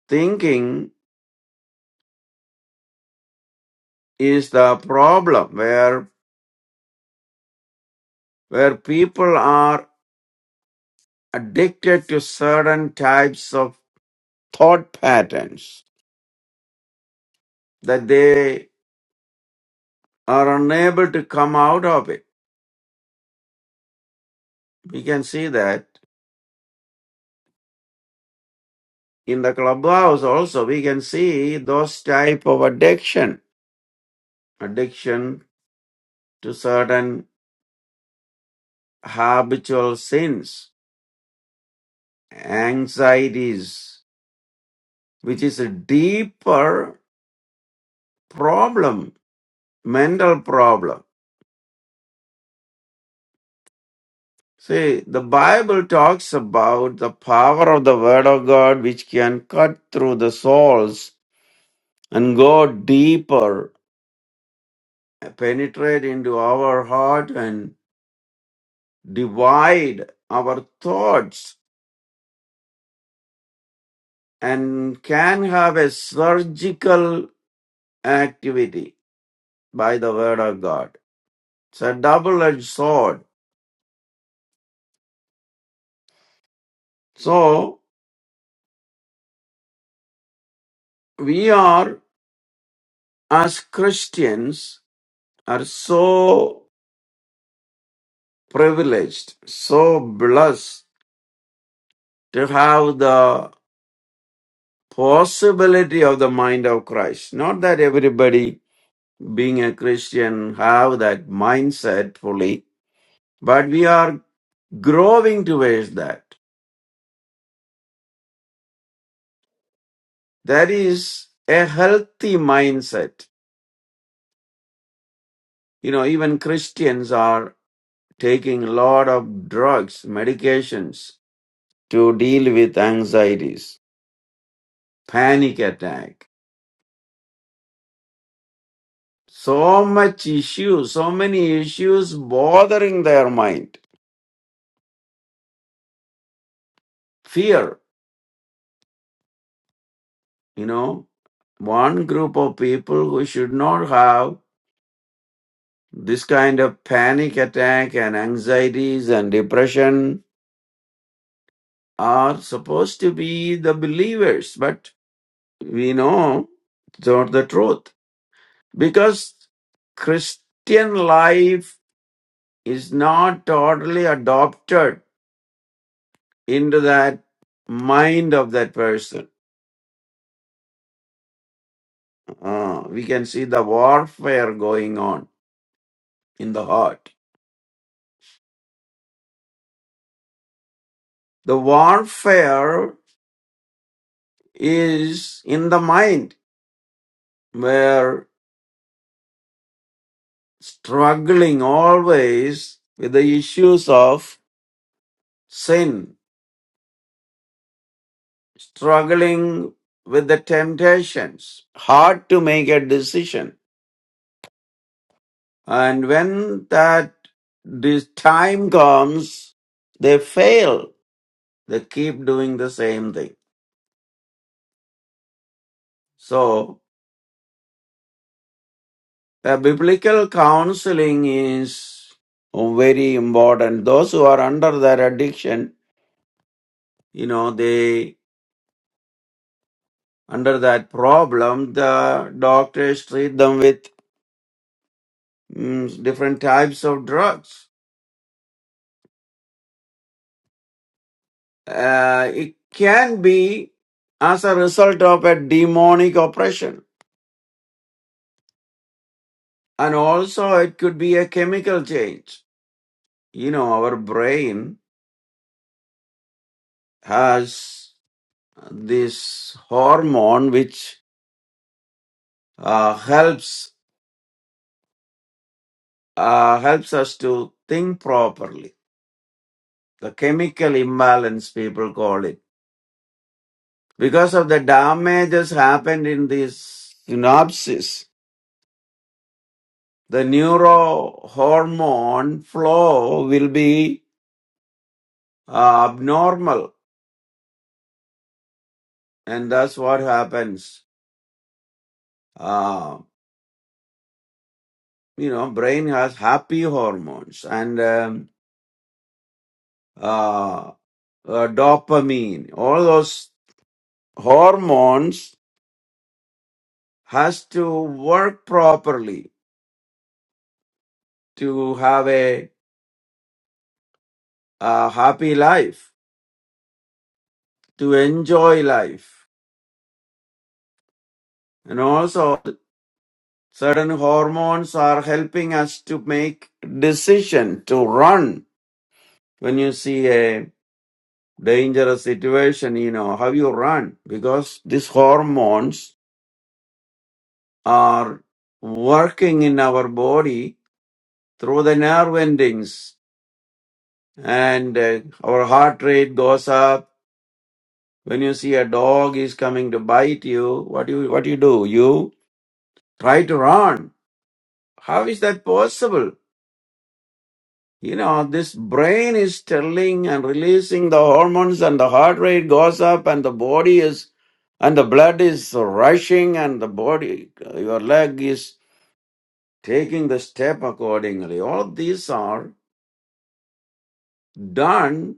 Speaker 1: thinking is the problem where, where people are addicted to certain types of thought patterns that they are unable to come out of it. We can see that in the clubhouse also, we can see those type of addiction, addiction to certain habitual sins anxieties, which is a deeper problem, mental problem. See, the Bible talks about the power of the Word of God which can cut through the souls and go deeper, penetrate into our heart and divide our thoughts and can have a surgical activity by the Word of God. It's a double edged sword. So we are as christians are so privileged so blessed to have the possibility of the mind of christ not that everybody being a christian have that mindset fully but we are growing towards that that is a healthy mindset you know even christians are taking a lot of drugs medications to deal with anxieties panic attack. So much issues, so many issues bothering their mind. Fear, you know, one group of people who should not have this kind of panic attack and anxieties and depression are supposed to be the believers, but we know it's not the truth because Christian life is not totally adopted into that mind of that person. Uh, we can see the warfare going on in the heart. The warfare is in the mind. We're struggling always with the issues of sin, struggling with the temptations, hard to make a decision. And when that this time comes, they fail. They keep doing the same thing So, uh, biblical counseling is very important. Those who are under that addiction, you know, they under that problem, the doctors treat them with mm, different types of drugs. Uh, it can be as a result of a demonic oppression, and also it could be a chemical change. You know, our brain has this hormone which uh, helps uh, helps us to think properly. The chemical imbalance people call it because of the damages happened in this synapses. The neurohormone flow will be uh, abnormal, and that's what happens. Uh, you know, brain has happy hormones and um, uh, uh, dopamine. All those hormones has to work properly to have a, a happy life, to enjoy life. And also, certain hormones are helping us to make decision to run. When you see a dangerous situation, you know how you run because these hormones are working in our body through the nerve endings and uh, our heart rate goes up When you see a dog is coming to bite you, what you what you do? You try to run. How is that possible? You know, this brain is telling and releasing the hormones and the heart rate goes up and the body is and the blood is rushing and the body your leg is taking the step accordingly. All of these are done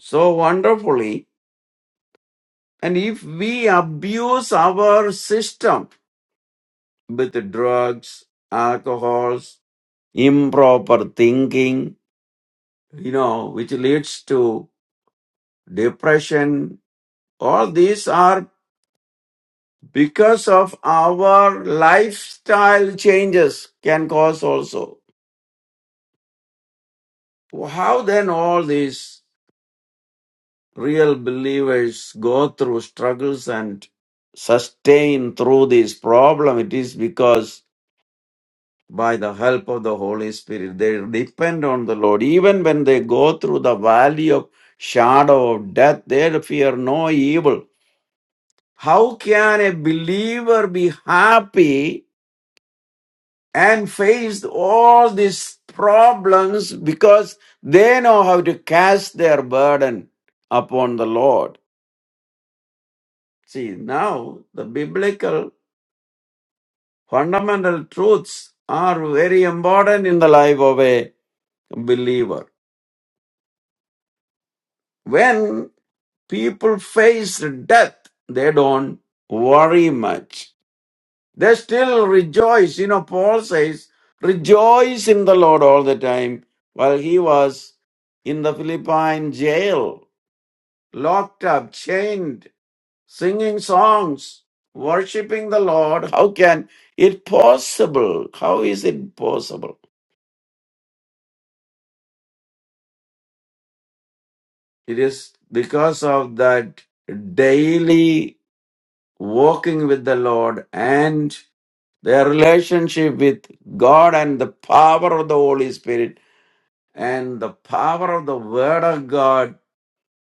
Speaker 1: so wonderfully. And if we abuse our system, with drugs, alcohols, improper thinking, you know, which leads to depression. All these are because of our lifestyle changes can cause also. How then all these real believers go through struggles and sustain through this problem? It is because by the help of the Holy Spirit. They depend on the Lord. Even when they go through the valley of shadow of death, they fear no evil. How can a believer be happy and face all these problems because they know how to cast their burden upon the Lord? See, now the biblical fundamental truths are very important in the life of a believer. When People face death. They don't worry much. They still rejoice. You know, Paul says, rejoice in the Lord all the time. While he was in the Philippine jail, locked up, chained, singing songs, worshiping the Lord. How can it possible? How is it possible? It is because of that daily walking with the Lord and their relationship with God and the power of the Holy Spirit and the power of the Word of God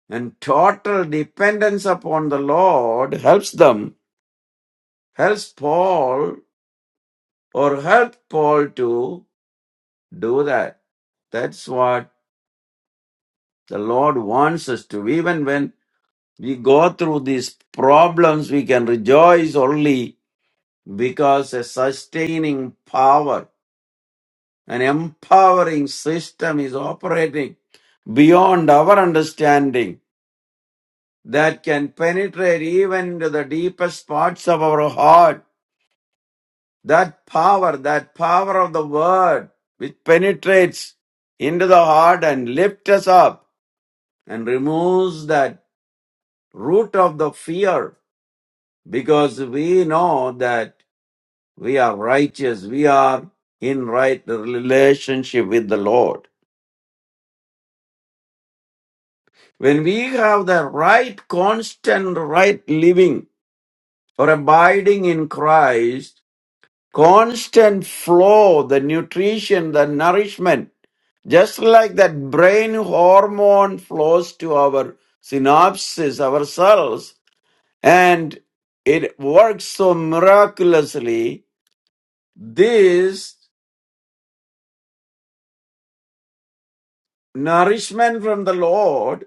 Speaker 1: and total dependence upon the Lord helps them, helps Paul or help Paul to do that. That's what the Lord wants us to. Even when we go through these problems, we can rejoice only because a sustaining power An empowering system is operating beyond our understanding that can penetrate even into the deepest parts of our heart. That power, that power of the word, which penetrates into the heart and lifts us up and removes that root of the fear because we know that we are righteous, we are in right relationship with the Lord. When we have the right, constant, right living or abiding in Christ, constant flow, the nutrition, the nourishment, just like that brain hormone flows to our synapses, our cells, and it works so miraculously, this nourishment from the Lord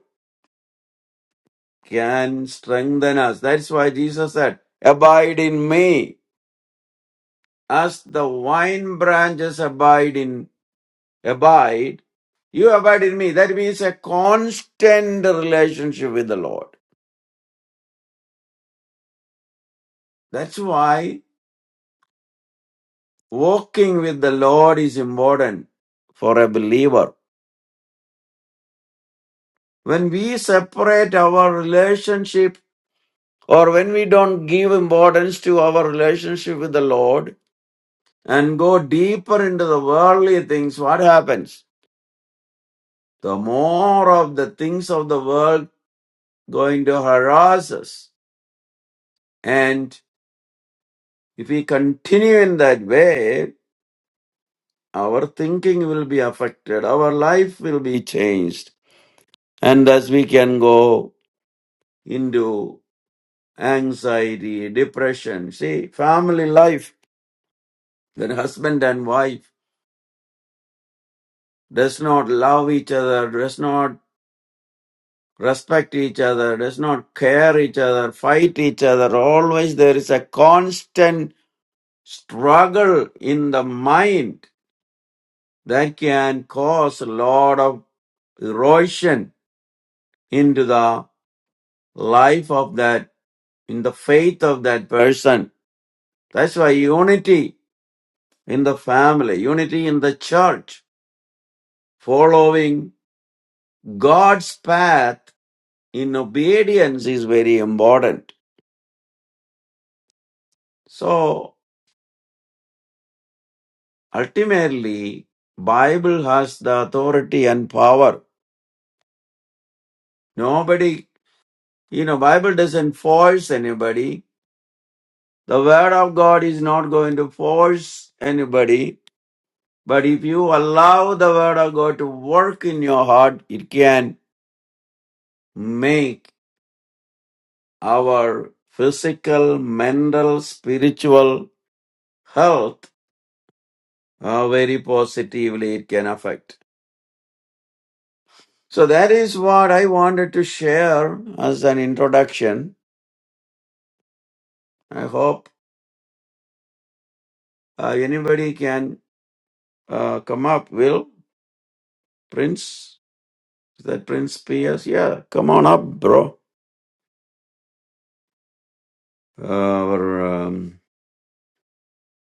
Speaker 1: can strengthen us. That's why Jesus said, Abide in me As the vine branches abide in abide, you abide in me. That means a constant relationship with the Lord. That's why walking with the Lord is important for a believer. When we separate our relationship or when we don't give importance to our relationship with the Lord and go deeper into the worldly things, what happens? The more of the things of the world going to harass us. And if we continue in that way, our thinking will be affected, our life will be changed, and thus we can go into anxiety, depression. See, family life, when husband and wife does not love each other, does not respect each other, does not care each other, fight each other, always there is a constant struggle in the mind that can cause a lot of erosion into the life of that, in the faith of that person. That's why unity in the family, unity in the church, following God's path in obedience is very important. So ultimately, Bible has the authority and power. Nobody, you know, Bible doesn't force anybody The word of God is not going to force anybody, but if you allow the word of God to work in your heart, it can make our physical, mental, spiritual health uh, very positively it can affect. So that is what I wanted to share as an introduction. I hope uh, anybody can uh, come up. Will Prince? Is that Prince P.S.? Yeah, come on up, bro. Uh, or um,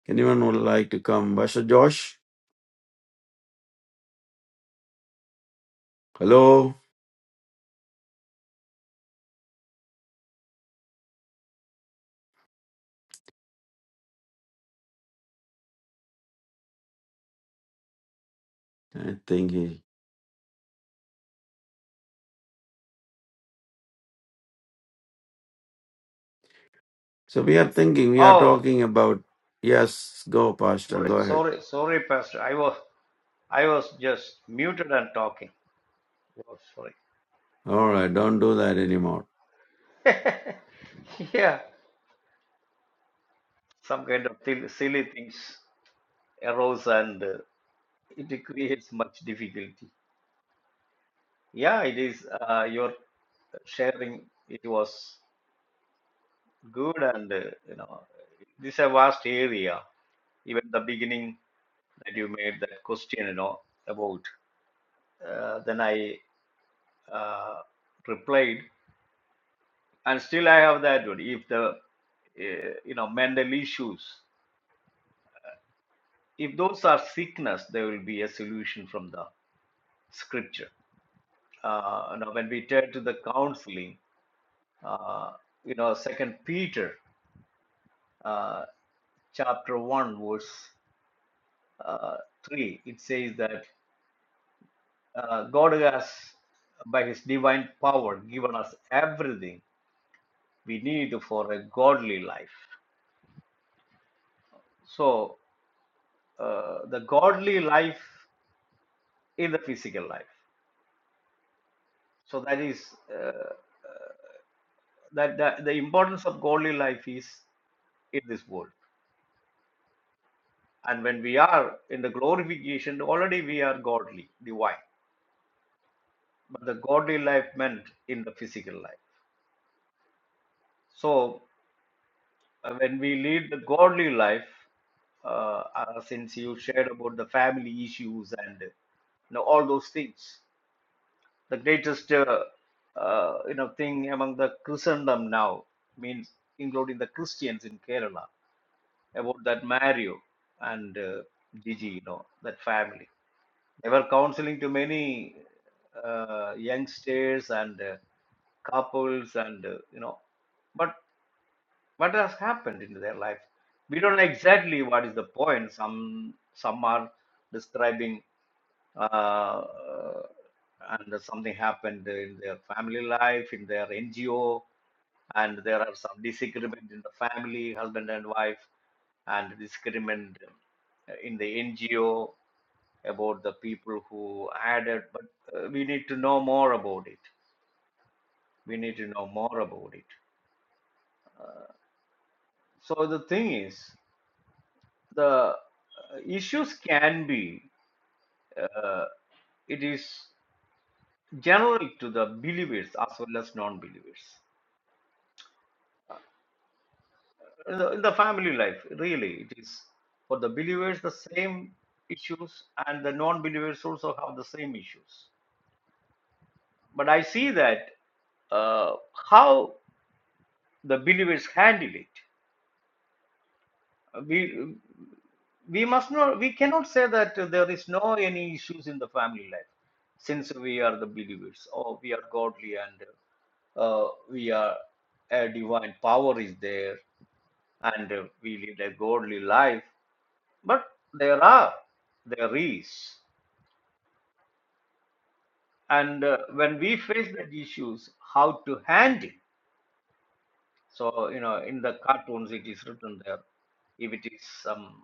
Speaker 1: anyone would like to come? Pastor Josh, hello. I think he. So we are thinking, we are
Speaker 3: Oh,
Speaker 1: talking about. Yes, go, Pastor.
Speaker 3: sorry,
Speaker 1: Go ahead.
Speaker 3: sorry, sorry, Pastor. I was I was just muted and talking. Oh, sorry.
Speaker 1: All right, don't do that anymore.
Speaker 3: Yeah, some kind of thil- silly things arose and uh, it creates much difficulty. Yeah, it is. Uh, your sharing it was good, and uh, you know, this is a vast area. Even the beginning that you made that question, you know, about uh, then I uh, replied, and still I have that one. If the uh, you know mental issues, if those are sick in the scripture uh, you know, when we turn to the counseling, uh, you know, Second Peter uh, chapter one verse uh, three, it says that uh, God has, by His divine power, given us everything we need for a godly life. So uh, the God life is the physical life. So that is uh, that, that the importance of godly life is in this world. And when we are in the glorification, already we are godly, divine but the godly life meant in the physical life. So uh, when we lead the godly life, uh, uh, since you shared about the family issues and you know all those things, the greatest uh, uh, you know thing among the Christendom now means including the Christians in Kerala about that Mario and uh, Gigi, you know that family. They were counseling to many uh, youngsters and uh, couples and uh, you know but what has happened in their life we don't know exactly what is the point some some are describing uh, and something happened in their family life in their ngo and there are some disagreement in the family husband and wife and disagreement in the ngo about the people who added, but uh, we need to know more about it. We need to know more about it. So the thing is, the uh, issues can be, uh, it is generic to the believers as well as non believers. In the, in the family life, really, it is for the believers the same issues, and the non believers also have the same issues. But I see that uh, how the believers handle it we we must not we cannot say that there is no any issues in the family life since we are the believers or we are godly and uh, we are a divine power is there and uh, we live a godly life but there are there is and uh, when we face that issues how to handle so you know in the cartoons it is written there if it is some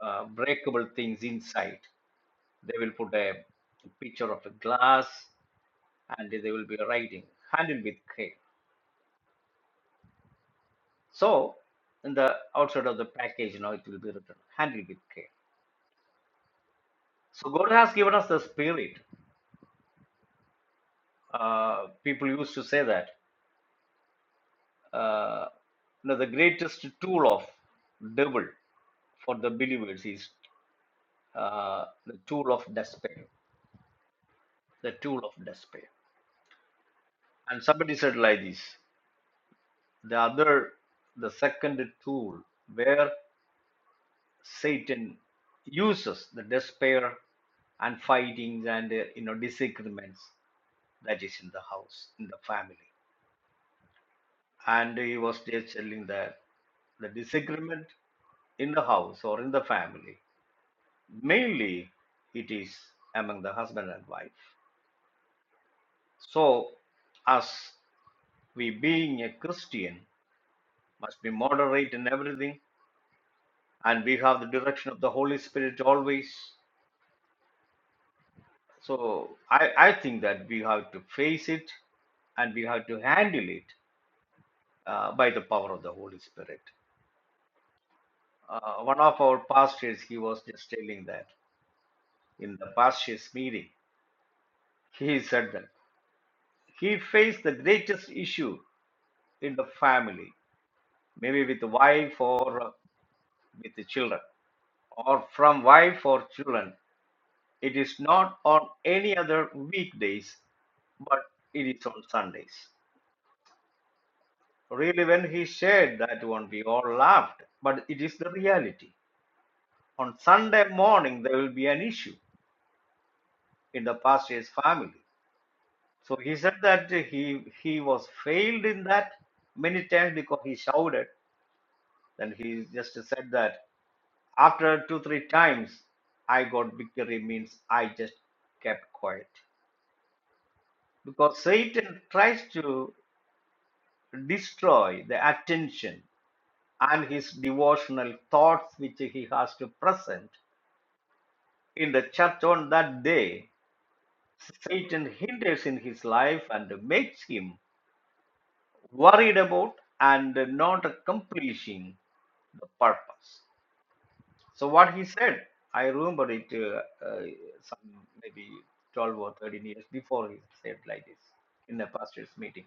Speaker 3: uh, breakable things inside they will put a picture of a glass and they will be writing handle with care so in the outside of the package you know it will be written handle with care so god has given us the spirit uh, people used to say that uh, you know the greatest tool of devil for the believers is uh, the tool of despair the tool of despair and somebody said like this the other the second tool where. Satan uses the despair and fightings and uh, you know disagreements that is in the house in the family. And he was just telling that the disagreement in the house or in the family mainly it is among the husband and wife. So us we being a Christian must be moderate in everything and we have the direction of the Holy Spirit always So I, I think that we have to face it and we have to handle it uh, by the power of the Holy Spirit. Uh, one of our pastors, he was just telling that in the pastors meeting, he said that he faced the greatest issue in the family, maybe with the wife or uh, with the children, or from wife or children. It is not on any other weekdays, but it is on Sundays. Really, when he shared that one, we all laughed, but it is the reality. On Sunday morning, there will be an issue in the pastor's family. So he said that he he was failed in that many times because he shouted. Then he just said that after two three times, I got victory means I just kept quiet because Satan tries to destroy the attention and his devotional thoughts which he has to present In the church on that day, Satan hinders in his life and makes him worried about and not accomplishing the purpose. So what he said, I remember it uh, uh, some maybe 12 or 13 years before he said like this in the pastor's meeting.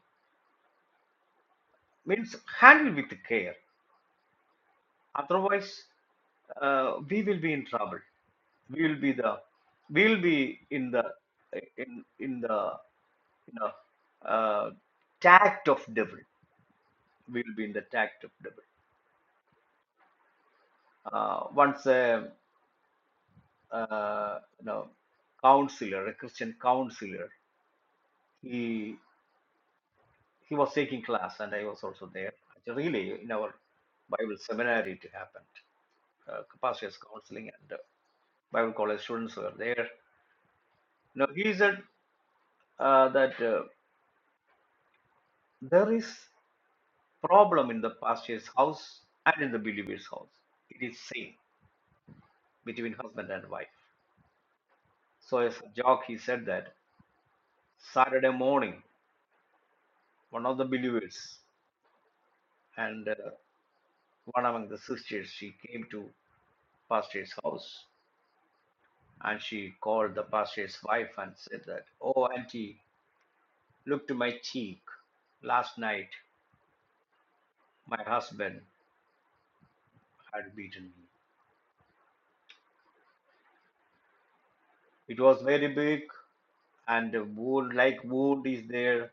Speaker 3: Means handle with care. Otherwise, uh, we will be in trouble. We will be the we will be in the in in the you know uh, tact of devil. We will be in the tact of devil. uh, once a uh, you know counselor, a Christian counselor, he he was taking class, and I was also there. Really, in our Bible seminary, it happened. Uh, capacity counseling and uh, Bible college students were there. Now he said. uh, that uh, there is problem in the pastor's house and in the believer's house. It is same between husband and wife. So as a joke, he said that Saturday morning, one of the believers and uh, one among the sisters, she came to pastor's house and she called the pastor's wife and said that, "Oh, auntie, look to my cheek. Last night, my husband had beaten me. It was very big, and the wood like wood is there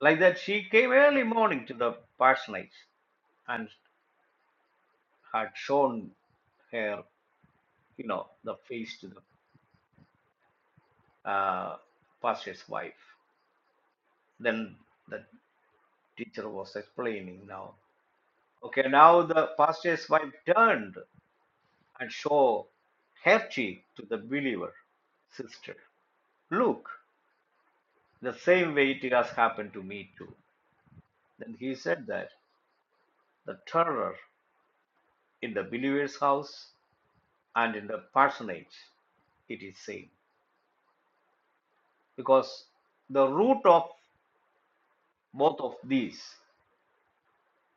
Speaker 3: like that she came early morning to the parsonage and had shown her you know the face to the uh, pastor's wife then the teacher was explaining now okay now the pastor's wife turned and showed her cheek to the believer sister look the same way it has happened to me too then he said that the terror in the believer's house and in the parsonage, it is same because the root of both of these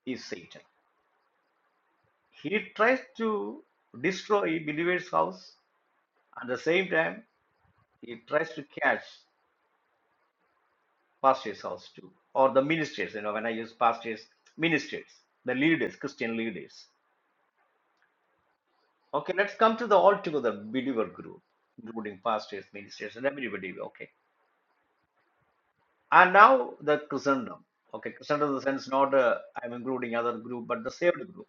Speaker 3: is satan he tries to destroy believer's house at the same time he tries to catch pastor's house too or the ministers you know when i use pastors ministers the leaders christian leaders okay let's come to the altogether believer group including pastors ministers and everybody okay And now the Christendom. Okay, Christendom in the sense not uh, I'm including other group, but the saved group.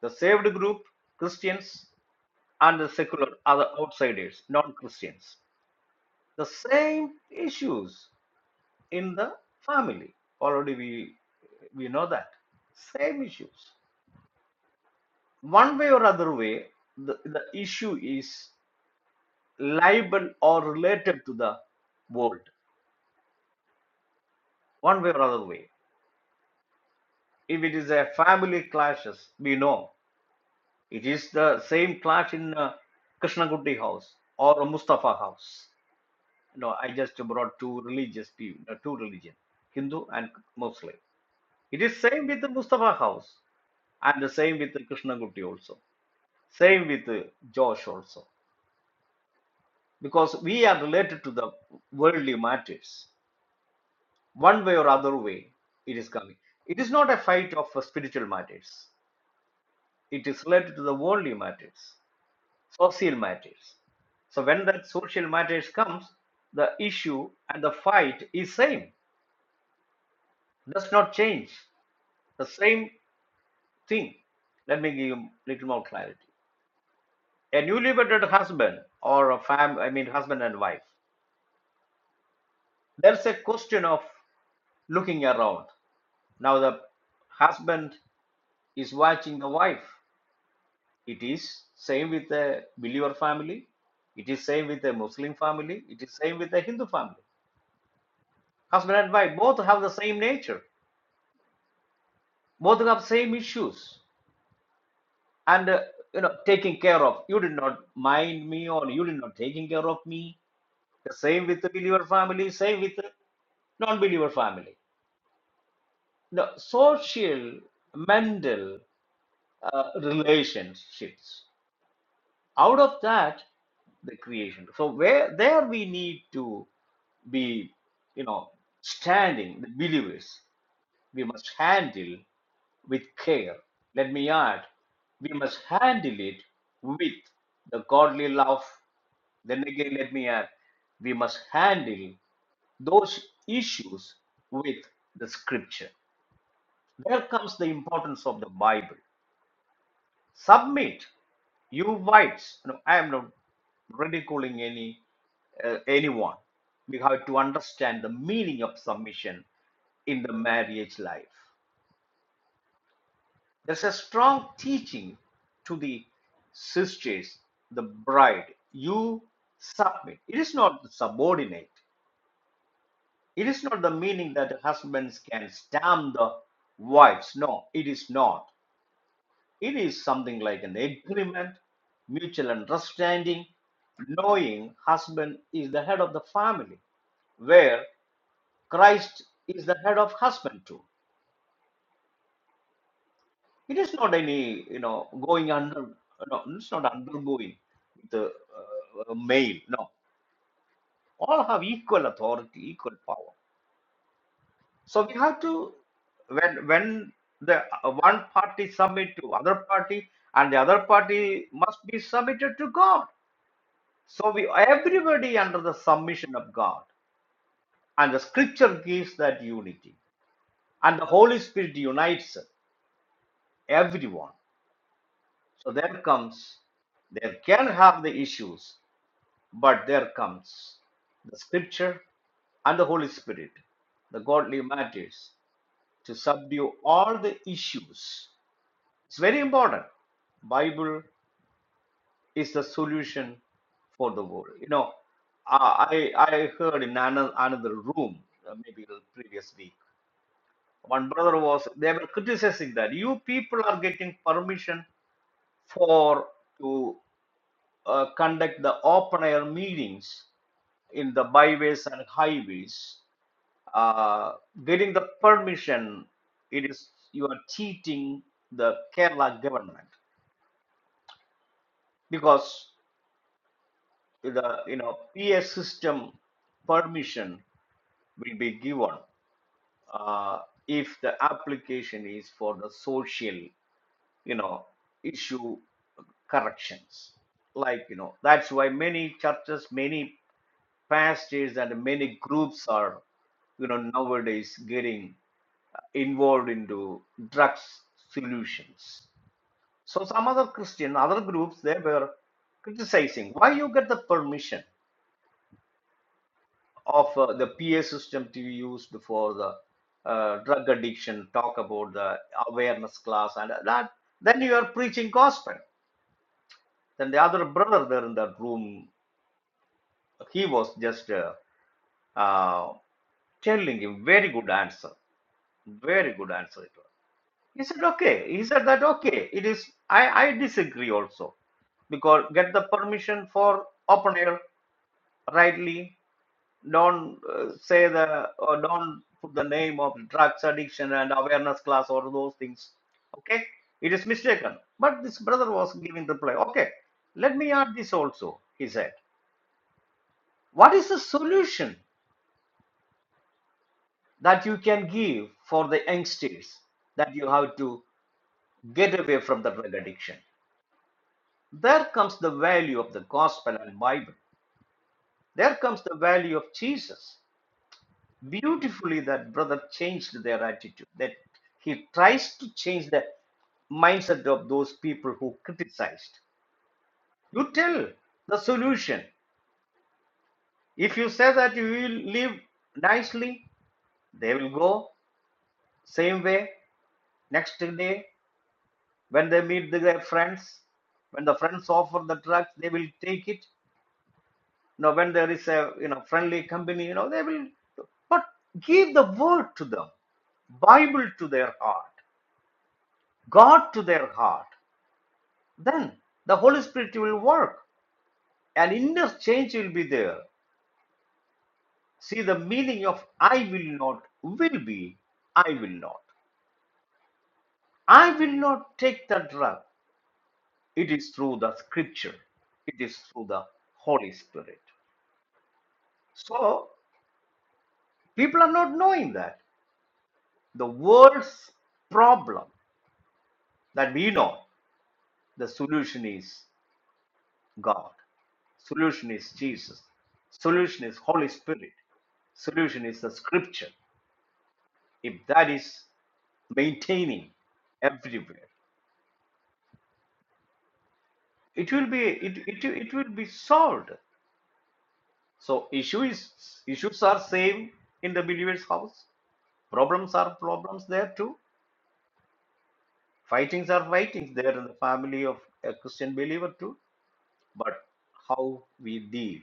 Speaker 3: The saved group, Christians and the secular other outsiders, non-Christians. The same issues in the family. Already we we know that. Same issues. One way or other way, the, the issue is liable or related to the world. One way or other way. If it is a family clashes, we know It is the same clash in uh, Krishnagurti house or Mustafa house. No, I just brought two religious people, uh, two religion, Hindu and Muslim. It is same with the Mustafa house and the same with the Krishnagurti also. Same with uh, Josh also. Because we are related to the worldly matters. One way or other way, it is coming. It is not a fight of uh, spiritual matters. It is related to the worldly matters. social matters. So when that social matters comes, the issue and the fight is same, does not change. The same thing. Let me give you little more clarity. A newly wedded husband or a fam I mean husband and wife, there's a question of looking around. Now the husband is watching the wife. It is same with a believer family. It is same with a Muslim family. It is same with a Hindu family. Husband and wife both have the same nature both have same issues and uh, you know taking care of you did not mind me or you did not taking care of me the same with the believer family same with the non-believer family The social mental uh, relationships out of that the creation so where there we need to be you know standing the believers we must handle with care. Let me add, we must handle it with the godly love. Then again, let me add, we must handle those issues with the scripture. There comes the importance of the Bible. Submit you whites. No, I am not ridiculing any uh, anyone. We have to understand the meaning of submission in the marriage life. There's a strong teaching to the sisters, the bride. You submit. It is not subordinate. It is not the meaning that husbands can stamp the wives. No, it is not. It is something like an agreement, mutual understanding, knowing husband is the head of the family, where Christ is the head of husband too. It is not any, you know, going under, no, it's not undergoing the uh, male. No, all have equal authority, equal power. So we have to, when when the uh, one party submit to other party, and the other party must be submitted to God. So we everybody under the submission of God, and the Scripture gives that unity, and the Holy Spirit unites everyone. So there comes, there can have the issues, But there comes the scripture and the Holy Spirit, the godly matters, to subdue all the issues. It's very important. Bible is the solution for the world. You know, I I heard in another, another room, uh, maybe the previous week, one brother was they were criticizing that you people are getting permission for to uh, conduct the open air meetings in the byways and highways uh, getting the permission, it is you are cheating the Kerala government because the you know PA system permission will be given uh, if the application is for the social you know issue corrections. Like you know that's why many churches, many pastors, and many groups are you know nowadays getting involved into drugs solutions. So some other Christian, other groups, they were criticizing why you get the permission of uh, the PA system to be used for the uh, drug addiction, talk about the awareness class and that. Then you are preaching gospel. Then the other brother there in that room, he was just uh, uh, telling him very good answer, very good answer. it He said, okay. He said that, okay, it is, I, I disagree also because get the permission for open air rightly. Don't uh, say the, or don't put the name of drugs addiction and awareness class or those things. Okay. It is mistaken. But this brother was giving reply. Okay. Let me add this also, he said. What is the solution that you can give for the youngsters that you have to get away from the drug addiction? There comes the value of the gospel and Bible. There comes the value of Jesus. Beautifully, that brother changed their attitude. That he tries to change the mindset of those people who criticized. You tell the solution. If you say that you will live nicely, they will go same way. Next day, when they meet their friends, when the friends offer the drugs, they will take it. you know when there is a you know friendly company you know they will but give the word to them bible to their heart god to their heart then the holy spirit will work and interchange will be there see the meaning of i will not will be i will not i will not take the drug it is through the scripture it is through the holy spirit so people are not knowing that the world's problem that we know The solution is God. Solution is Jesus. Solution is Holy Spirit. Solution is the scripture. If that is maintaining everywhere, it will be it, it, it will be solved. So issue is issues are same in the believer's house. Problems are problems there too. Fightings are fightings there in the family of a Christian believer too. But how we deal,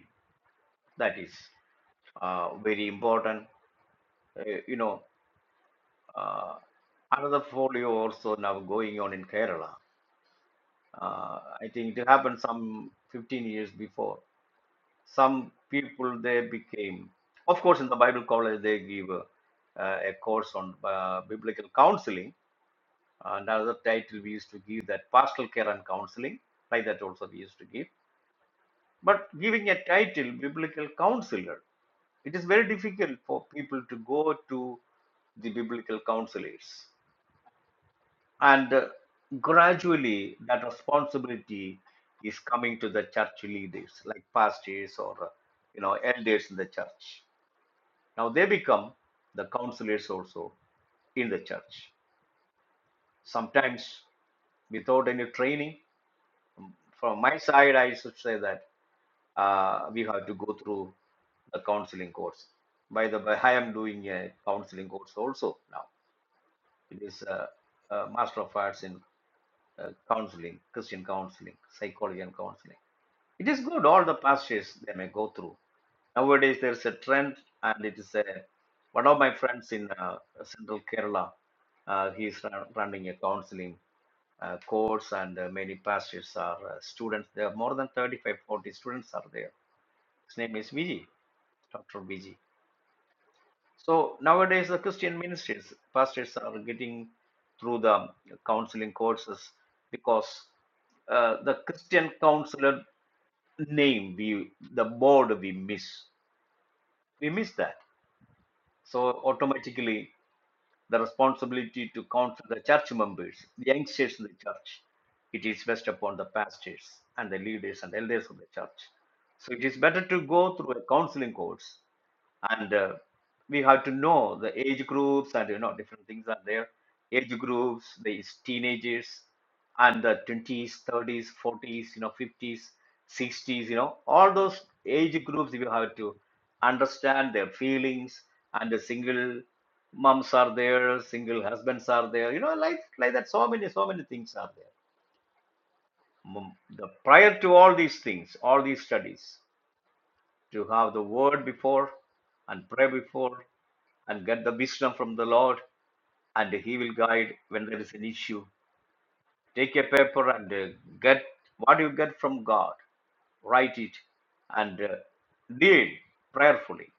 Speaker 3: that is uh, very important. Uh, you know, Uh, another folio also now going on in Kerala. Uh, I think it happened some 15 years before. Some people they became, of course, in the Bible college they give a, uh, a course on uh, biblical counseling. And another title we used to give that pastoral care and counseling, like that also we used to give. But giving a title biblical counselor, it is very difficult for people to go to the biblical counselors And uh, gradually, that responsibility is coming to the church leaders, like pastors or uh, you know elders in the church. Now they become the counselors also in the church. Sometimes without any training. From my side, I should say that uh, we have to go through the counseling course. By the way, I am doing a counseling course also now. It is a, a Master of Arts in uh, counseling, Christian counseling, psychology and counseling. It is good, all the pastors they may go through. Nowadays, there is a trend, and it is a one of my friends in uh, central Kerala. Uh, he is run, running a counseling uh, course, and uh, many pastors are uh, students. There are more than 35, 40 students are there. His name is Vijay, Dr. Vijay. So nowadays, the Christian ministries, pastors are getting through the counseling courses because uh, the Christian counselor name, we the board we miss, we miss that. So automatically, the responsibility to counsel the church members, the youngsters in the church, it is based upon the pastors and the leaders and elders of the church. So it is better to go through a counseling course and uh, we have to know the age groups and you know different things are there age groups these teenagers and the 20s 30s 40s you know 50s 60s you know all those age groups you have to understand their feelings and the single moms are there single husbands are there you know like like that so many so many things are there Mm, the prior to all these things all these studies to have the word before and pray before and get the wisdom from the Lord, and He will guide when there is an issue. Take a paper and uh, get what you get from God, write it, and uh, deal prayerfully.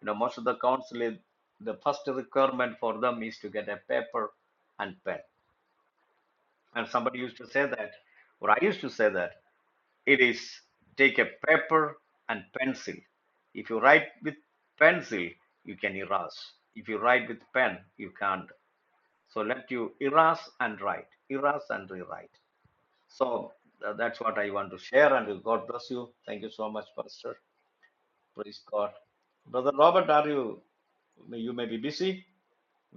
Speaker 3: You know, most of the counsel, the first requirement for them is to get a paper and pen. And somebody used to say that, or I used to say that. It is take a paper and pencil. If you write with pencil, you can erase. If you write with pen, you can't. So let you erase and write, erase and rewrite. So uh, that's what I want to share. And God bless you. Thank you so much, Pastor. Praise God. Brother Robert, are you? You may be busy,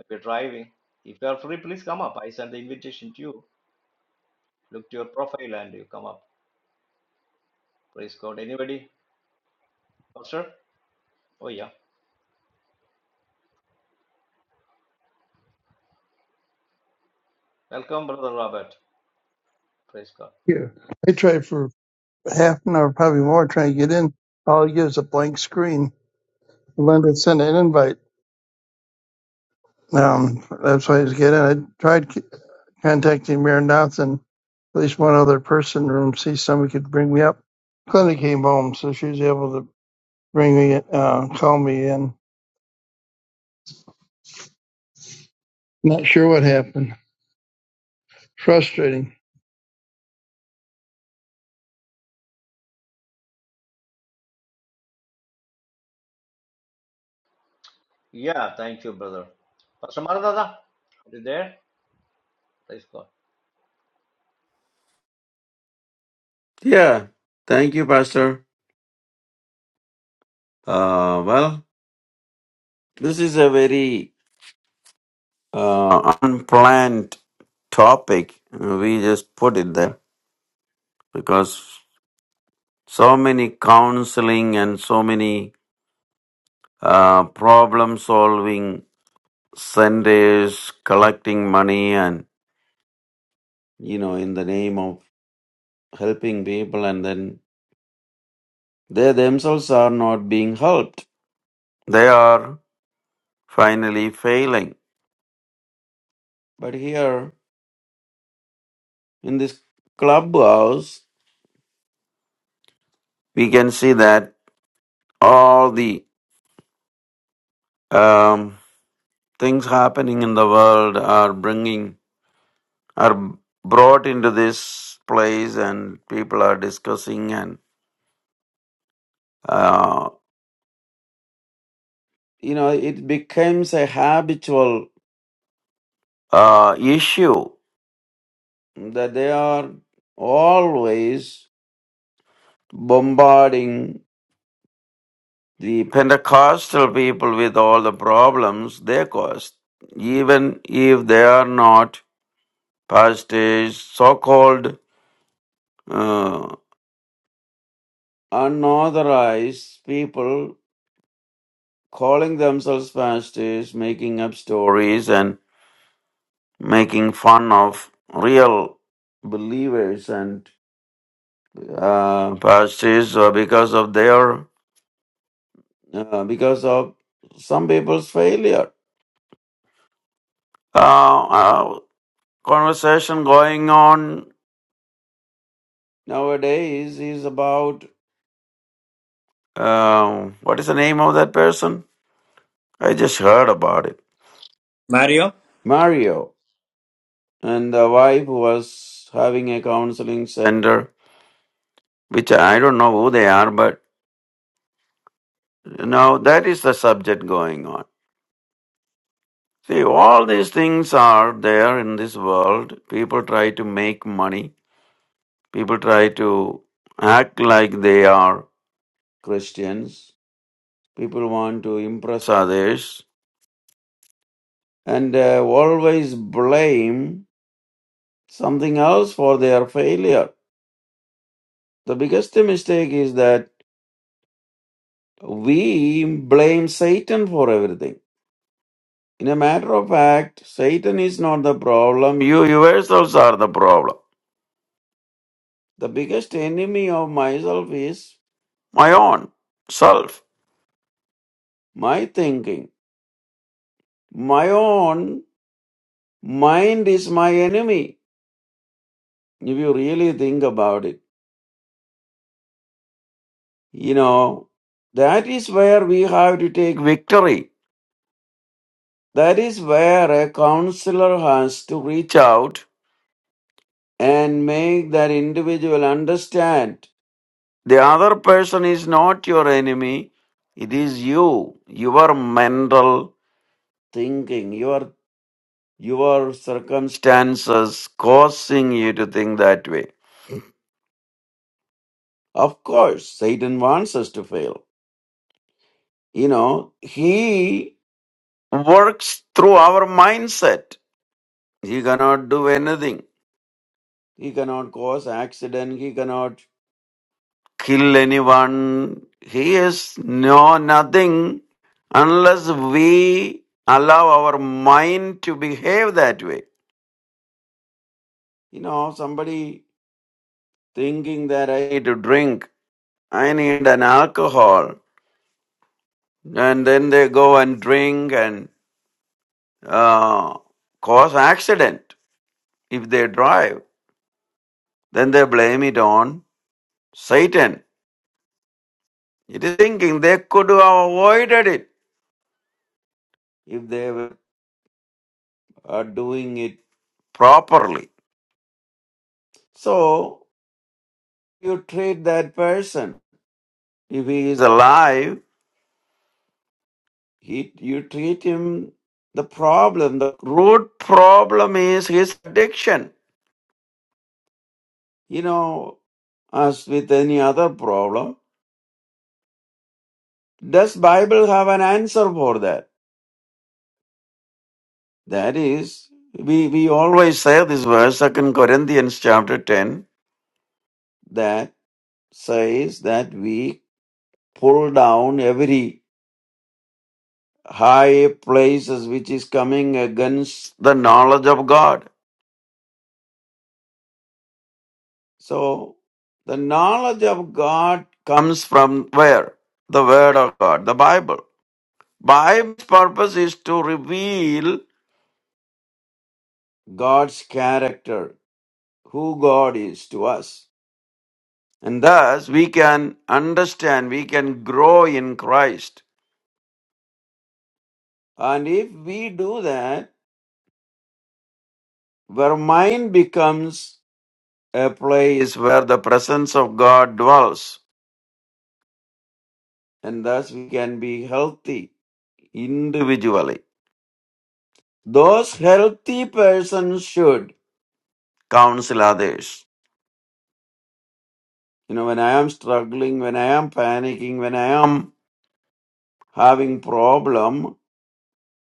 Speaker 3: maybe driving. If you are free, please come up. I send the invitation to you. Look to your profile and you come up. Praise God. Anybody? Pastor? Oh yeah. Welcome, Brother Robert. Praise God.
Speaker 4: Yeah, I tried for half an hour, probably more, trying to get in. All it gives is a blank screen. Linda sent an invite. Um, that's why I was getting. I tried c- contacting Mayor Dotson, at least one other person, in the room, see if somebody could bring me up. Glenda came home, so she was able to bring me, uh, call me in. Not sure what happened. Frustrating.
Speaker 3: Yeah, thank you, brother. Pastor Maranatha, are you there? Praise God.
Speaker 1: Yeah, thank you, Pastor. Uh, well, this is a very uh, unplanned topic. We just put it there because so many counseling and so many uh, problem solving Sundays collecting money and you know in the name of helping people and then they themselves are not being helped they are finally failing but here in this clubhouse we can see that all the um, things happening in the world are bringing are brought into this place and people are discussing and uh, you know it becomes a habitual uh, issue that they are always bombarding the Pentecostal people with all the problems they caused, even if they are not pastors, so called uh, unauthorized people calling themselves pastors, making up stories and making fun of real believers and uh, pastors uh, because of their uh, because of some people's failure. Uh, uh, conversation going on nowadays is about uh, what is the name of that person? I just heard about it.
Speaker 3: Mario?
Speaker 1: Mario and the wife was having a counseling center, which I don't know who they are, but you know that is the subject going on. See, all these things are there in this world. People try to make money. People try to act like they are Christians. People want to impress others and uh, always blame something else for their failure. The biggest mistake is that we blame Satan for everything. In a matter of fact, Satan is not the problem. You yourselves are the problem. The biggest enemy of myself is my own self, my thinking. My own mind is my enemy, if you really think about it. You know, that is where we have to take victory. That is where a counselor has to reach out and make that individual understand the other person is not your enemy. It is you, your mental thinking, your your circumstances causing you to think that way. Of course, Satan wants us to fail. You know, he works through our mindset. He cannot do anything. He cannot cause accident. He cannot kill anyone. He is no nothing unless we allow our mind to behave that way. You know, somebody thinking that I need to drink, I need an alcohol, and then they go and drink and uh, cause accident if they drive. Then they blame it on Satan It is thinking they could have avoided it if they were uh, doing it properly. So you treat that person. If he is alive, he, you treat him. The problem, the root problem is his addiction. You know, as with any other problem, does Bible have an answer for that? That is, we, we always say this verse, Second Corinthians chapter 10, that. says that we pull down every high places which is coming against the knowledge of God. So the knowledge of God comes from where? The Word of God, the Bible. Bible's purpose is to reveal God's character, who God is to us. And thus we can understand, we can grow in Christ. And if we do that, our mind becomes A place where the presence of God dwells, and thus we can be healthy individually. Those healthy persons should counsel others. You know, when I am struggling, when I am panicking, when I am having problem,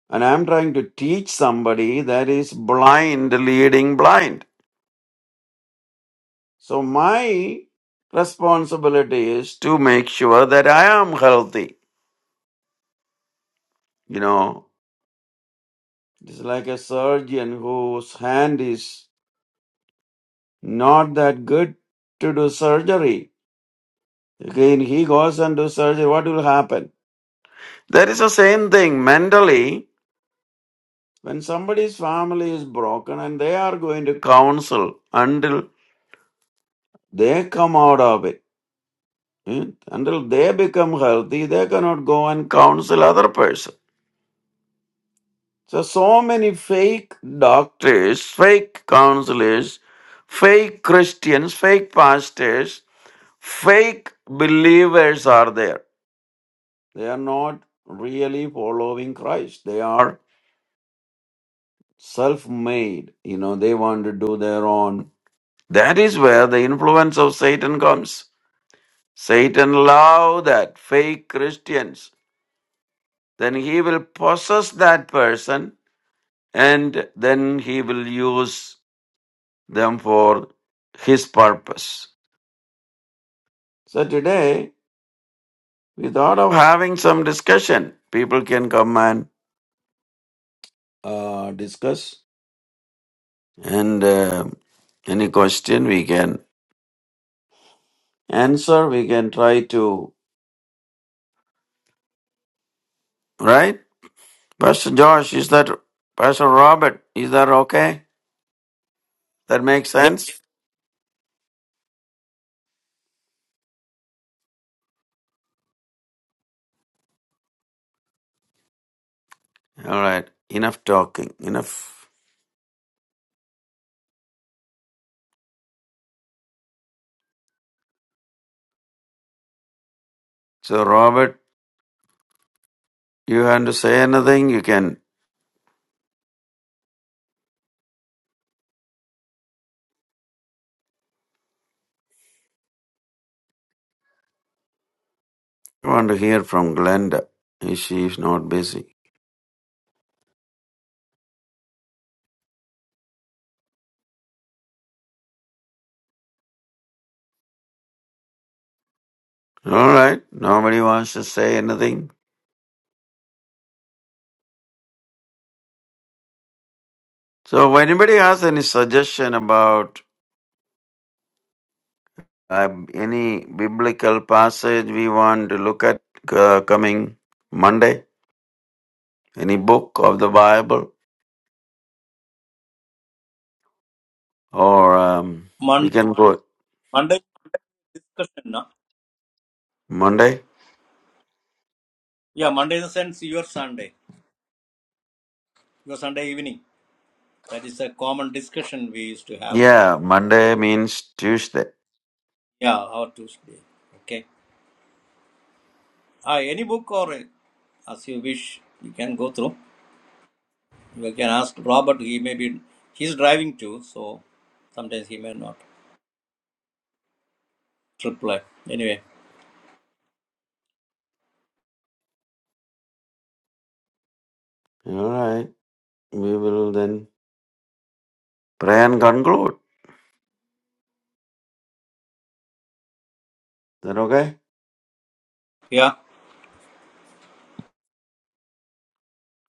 Speaker 1: and I am trying to teach somebody that is blind leading blind. So my responsibility is to make sure that I am healthy. You know, It is like a surgeon whose hand is not that good to do surgery. Again, he goes and do surgery. What will happen? That is the same thing mentally. When somebody's family is broken and they are going to counsel until they come out of it, hmm, until they become healthy, they cannot go and counsel other person. So, so many fake doctors, fake counselors, fake Christians, fake pastors fake believers are there. They are not really following Christ. They are self made. You know, they want to do their own. That is where the influence of Satan comes. Satan loves that fake Christians. Then he will possess that person and then he will use them for his purpose. So today we thought of having some discussion. People can come and uh, discuss and uh, any question we can answer, we can try to, right? Pastor Josh, is that, Pastor Robert, is that okay? That makes
Speaker 3: Yeah,
Speaker 1: sense? All right, enough talking, enough. So, Robert, you want to say anything? You can. I want to hear from Glenda. If she is not busy. All right, nobody wants to say anything. So, if anybody has any suggestion about Um, any biblical passage we want to look at uh, coming Monday? Any book of the Bible? Or um, we
Speaker 3: Monday,
Speaker 1: can go
Speaker 3: Monday discussion. No?
Speaker 1: Monday?
Speaker 3: Yeah, Monday in the sense your Sunday, your Sunday evening. That is a common discussion we used to have.
Speaker 1: Yeah, Monday means Tuesday.
Speaker 3: Yeah, our Tuesday. Okay. Ah, any book or uh, as you wish, you can go through. You can ask Robert. He may be, he's driving too, so sometimes he may not reply. Anyway,
Speaker 1: All right. We will then pray and conclude. Is that okay?
Speaker 3: yeah.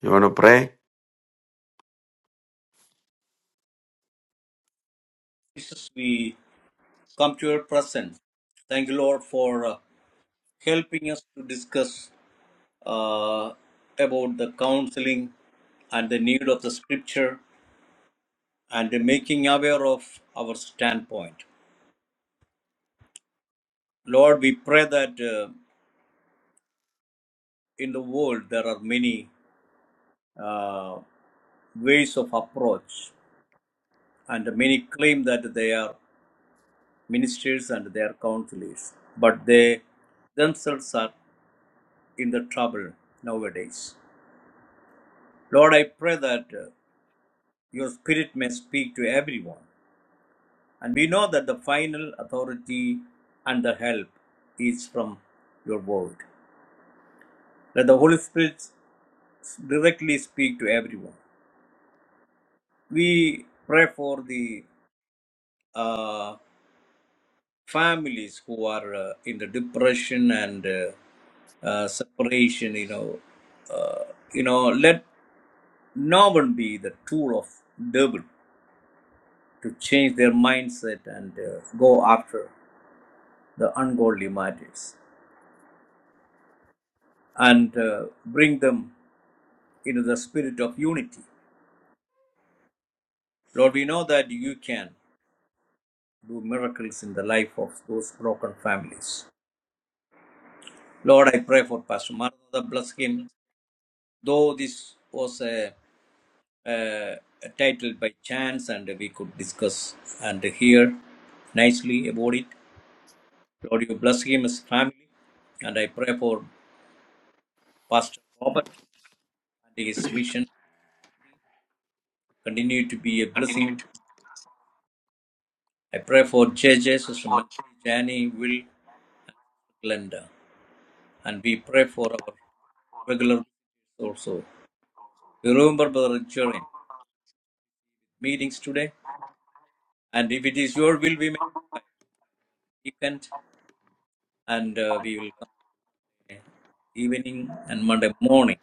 Speaker 1: You want to pray?
Speaker 3: Jesus, we come to your presence. Thank you, Lord, for uh, helping us to discuss uh, about the counseling and the need of the scripture and the making aware of our standpoint. Lord, we pray that uh, in the world there are many uh, ways of approach, and many claim that they are ministers and they are counselors, but they themselves are in the trouble nowadays. Lord, I pray that uh, your spirit may speak to everyone. And we know that the final authority and the help is from your word. Let the Holy Spirit directly speak to everyone. We pray for the uh, families who are uh, in the depression and uh, uh, separation. You know, uh, you know, let no one be the tool of devil to change their mindset and uh, go after. the ungodly matters and uh, bring them into the spirit of unity. Lord, we know that you can do miracles in the life of those broken families. Lord, I pray for Pastor Maranatha, bless him. Though this was a, a, a title by chance and we could discuss and hear nicely about it. Lord, you bless him, his family, and I pray for Pastor Robert and his mission. Continue to be a blessing I pray for J J. Sister Mary, Jani Will, Glenda, and we pray for our regular also. We remember Brother Jorin meetings today, and if it is your will, we may come by weekend, and uh, we will come by evening and Monday morning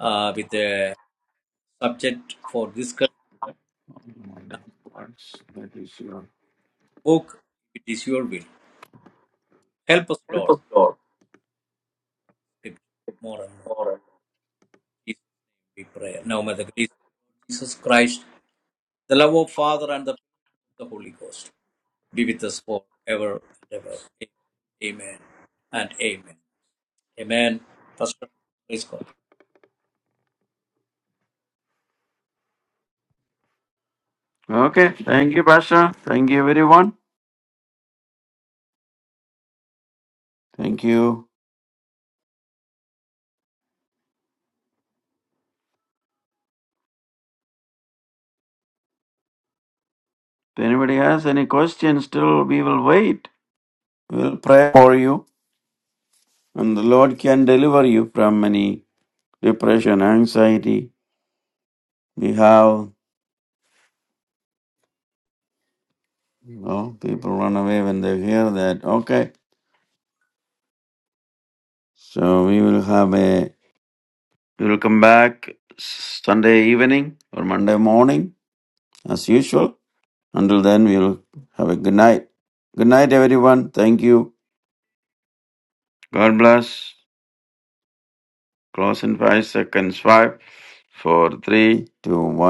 Speaker 3: uh, with the subject for discuss book. If it is your will, help us, Lord, to be more and more. In Jesus' name we pray. Now may the grace of Jesus Christ. The love of Father and the, the Holy Ghost be with us forever and ever. Amen and amen. Amen. Pastor, please go.
Speaker 1: Okay. Thank you, Pastor. Thank you, everyone. Thank you. If anybody has any questions, still we will wait. We'll pray for you, and the Lord can deliver you from any depression, anxiety. We have you know, people run away when they hear that. Okay, so we will have a we will come back Sunday evening or Monday morning as usual. Until then, we will have a good night. Good night, everyone. Thank you. God bless. Close in five seconds. Five, four, three, two, one.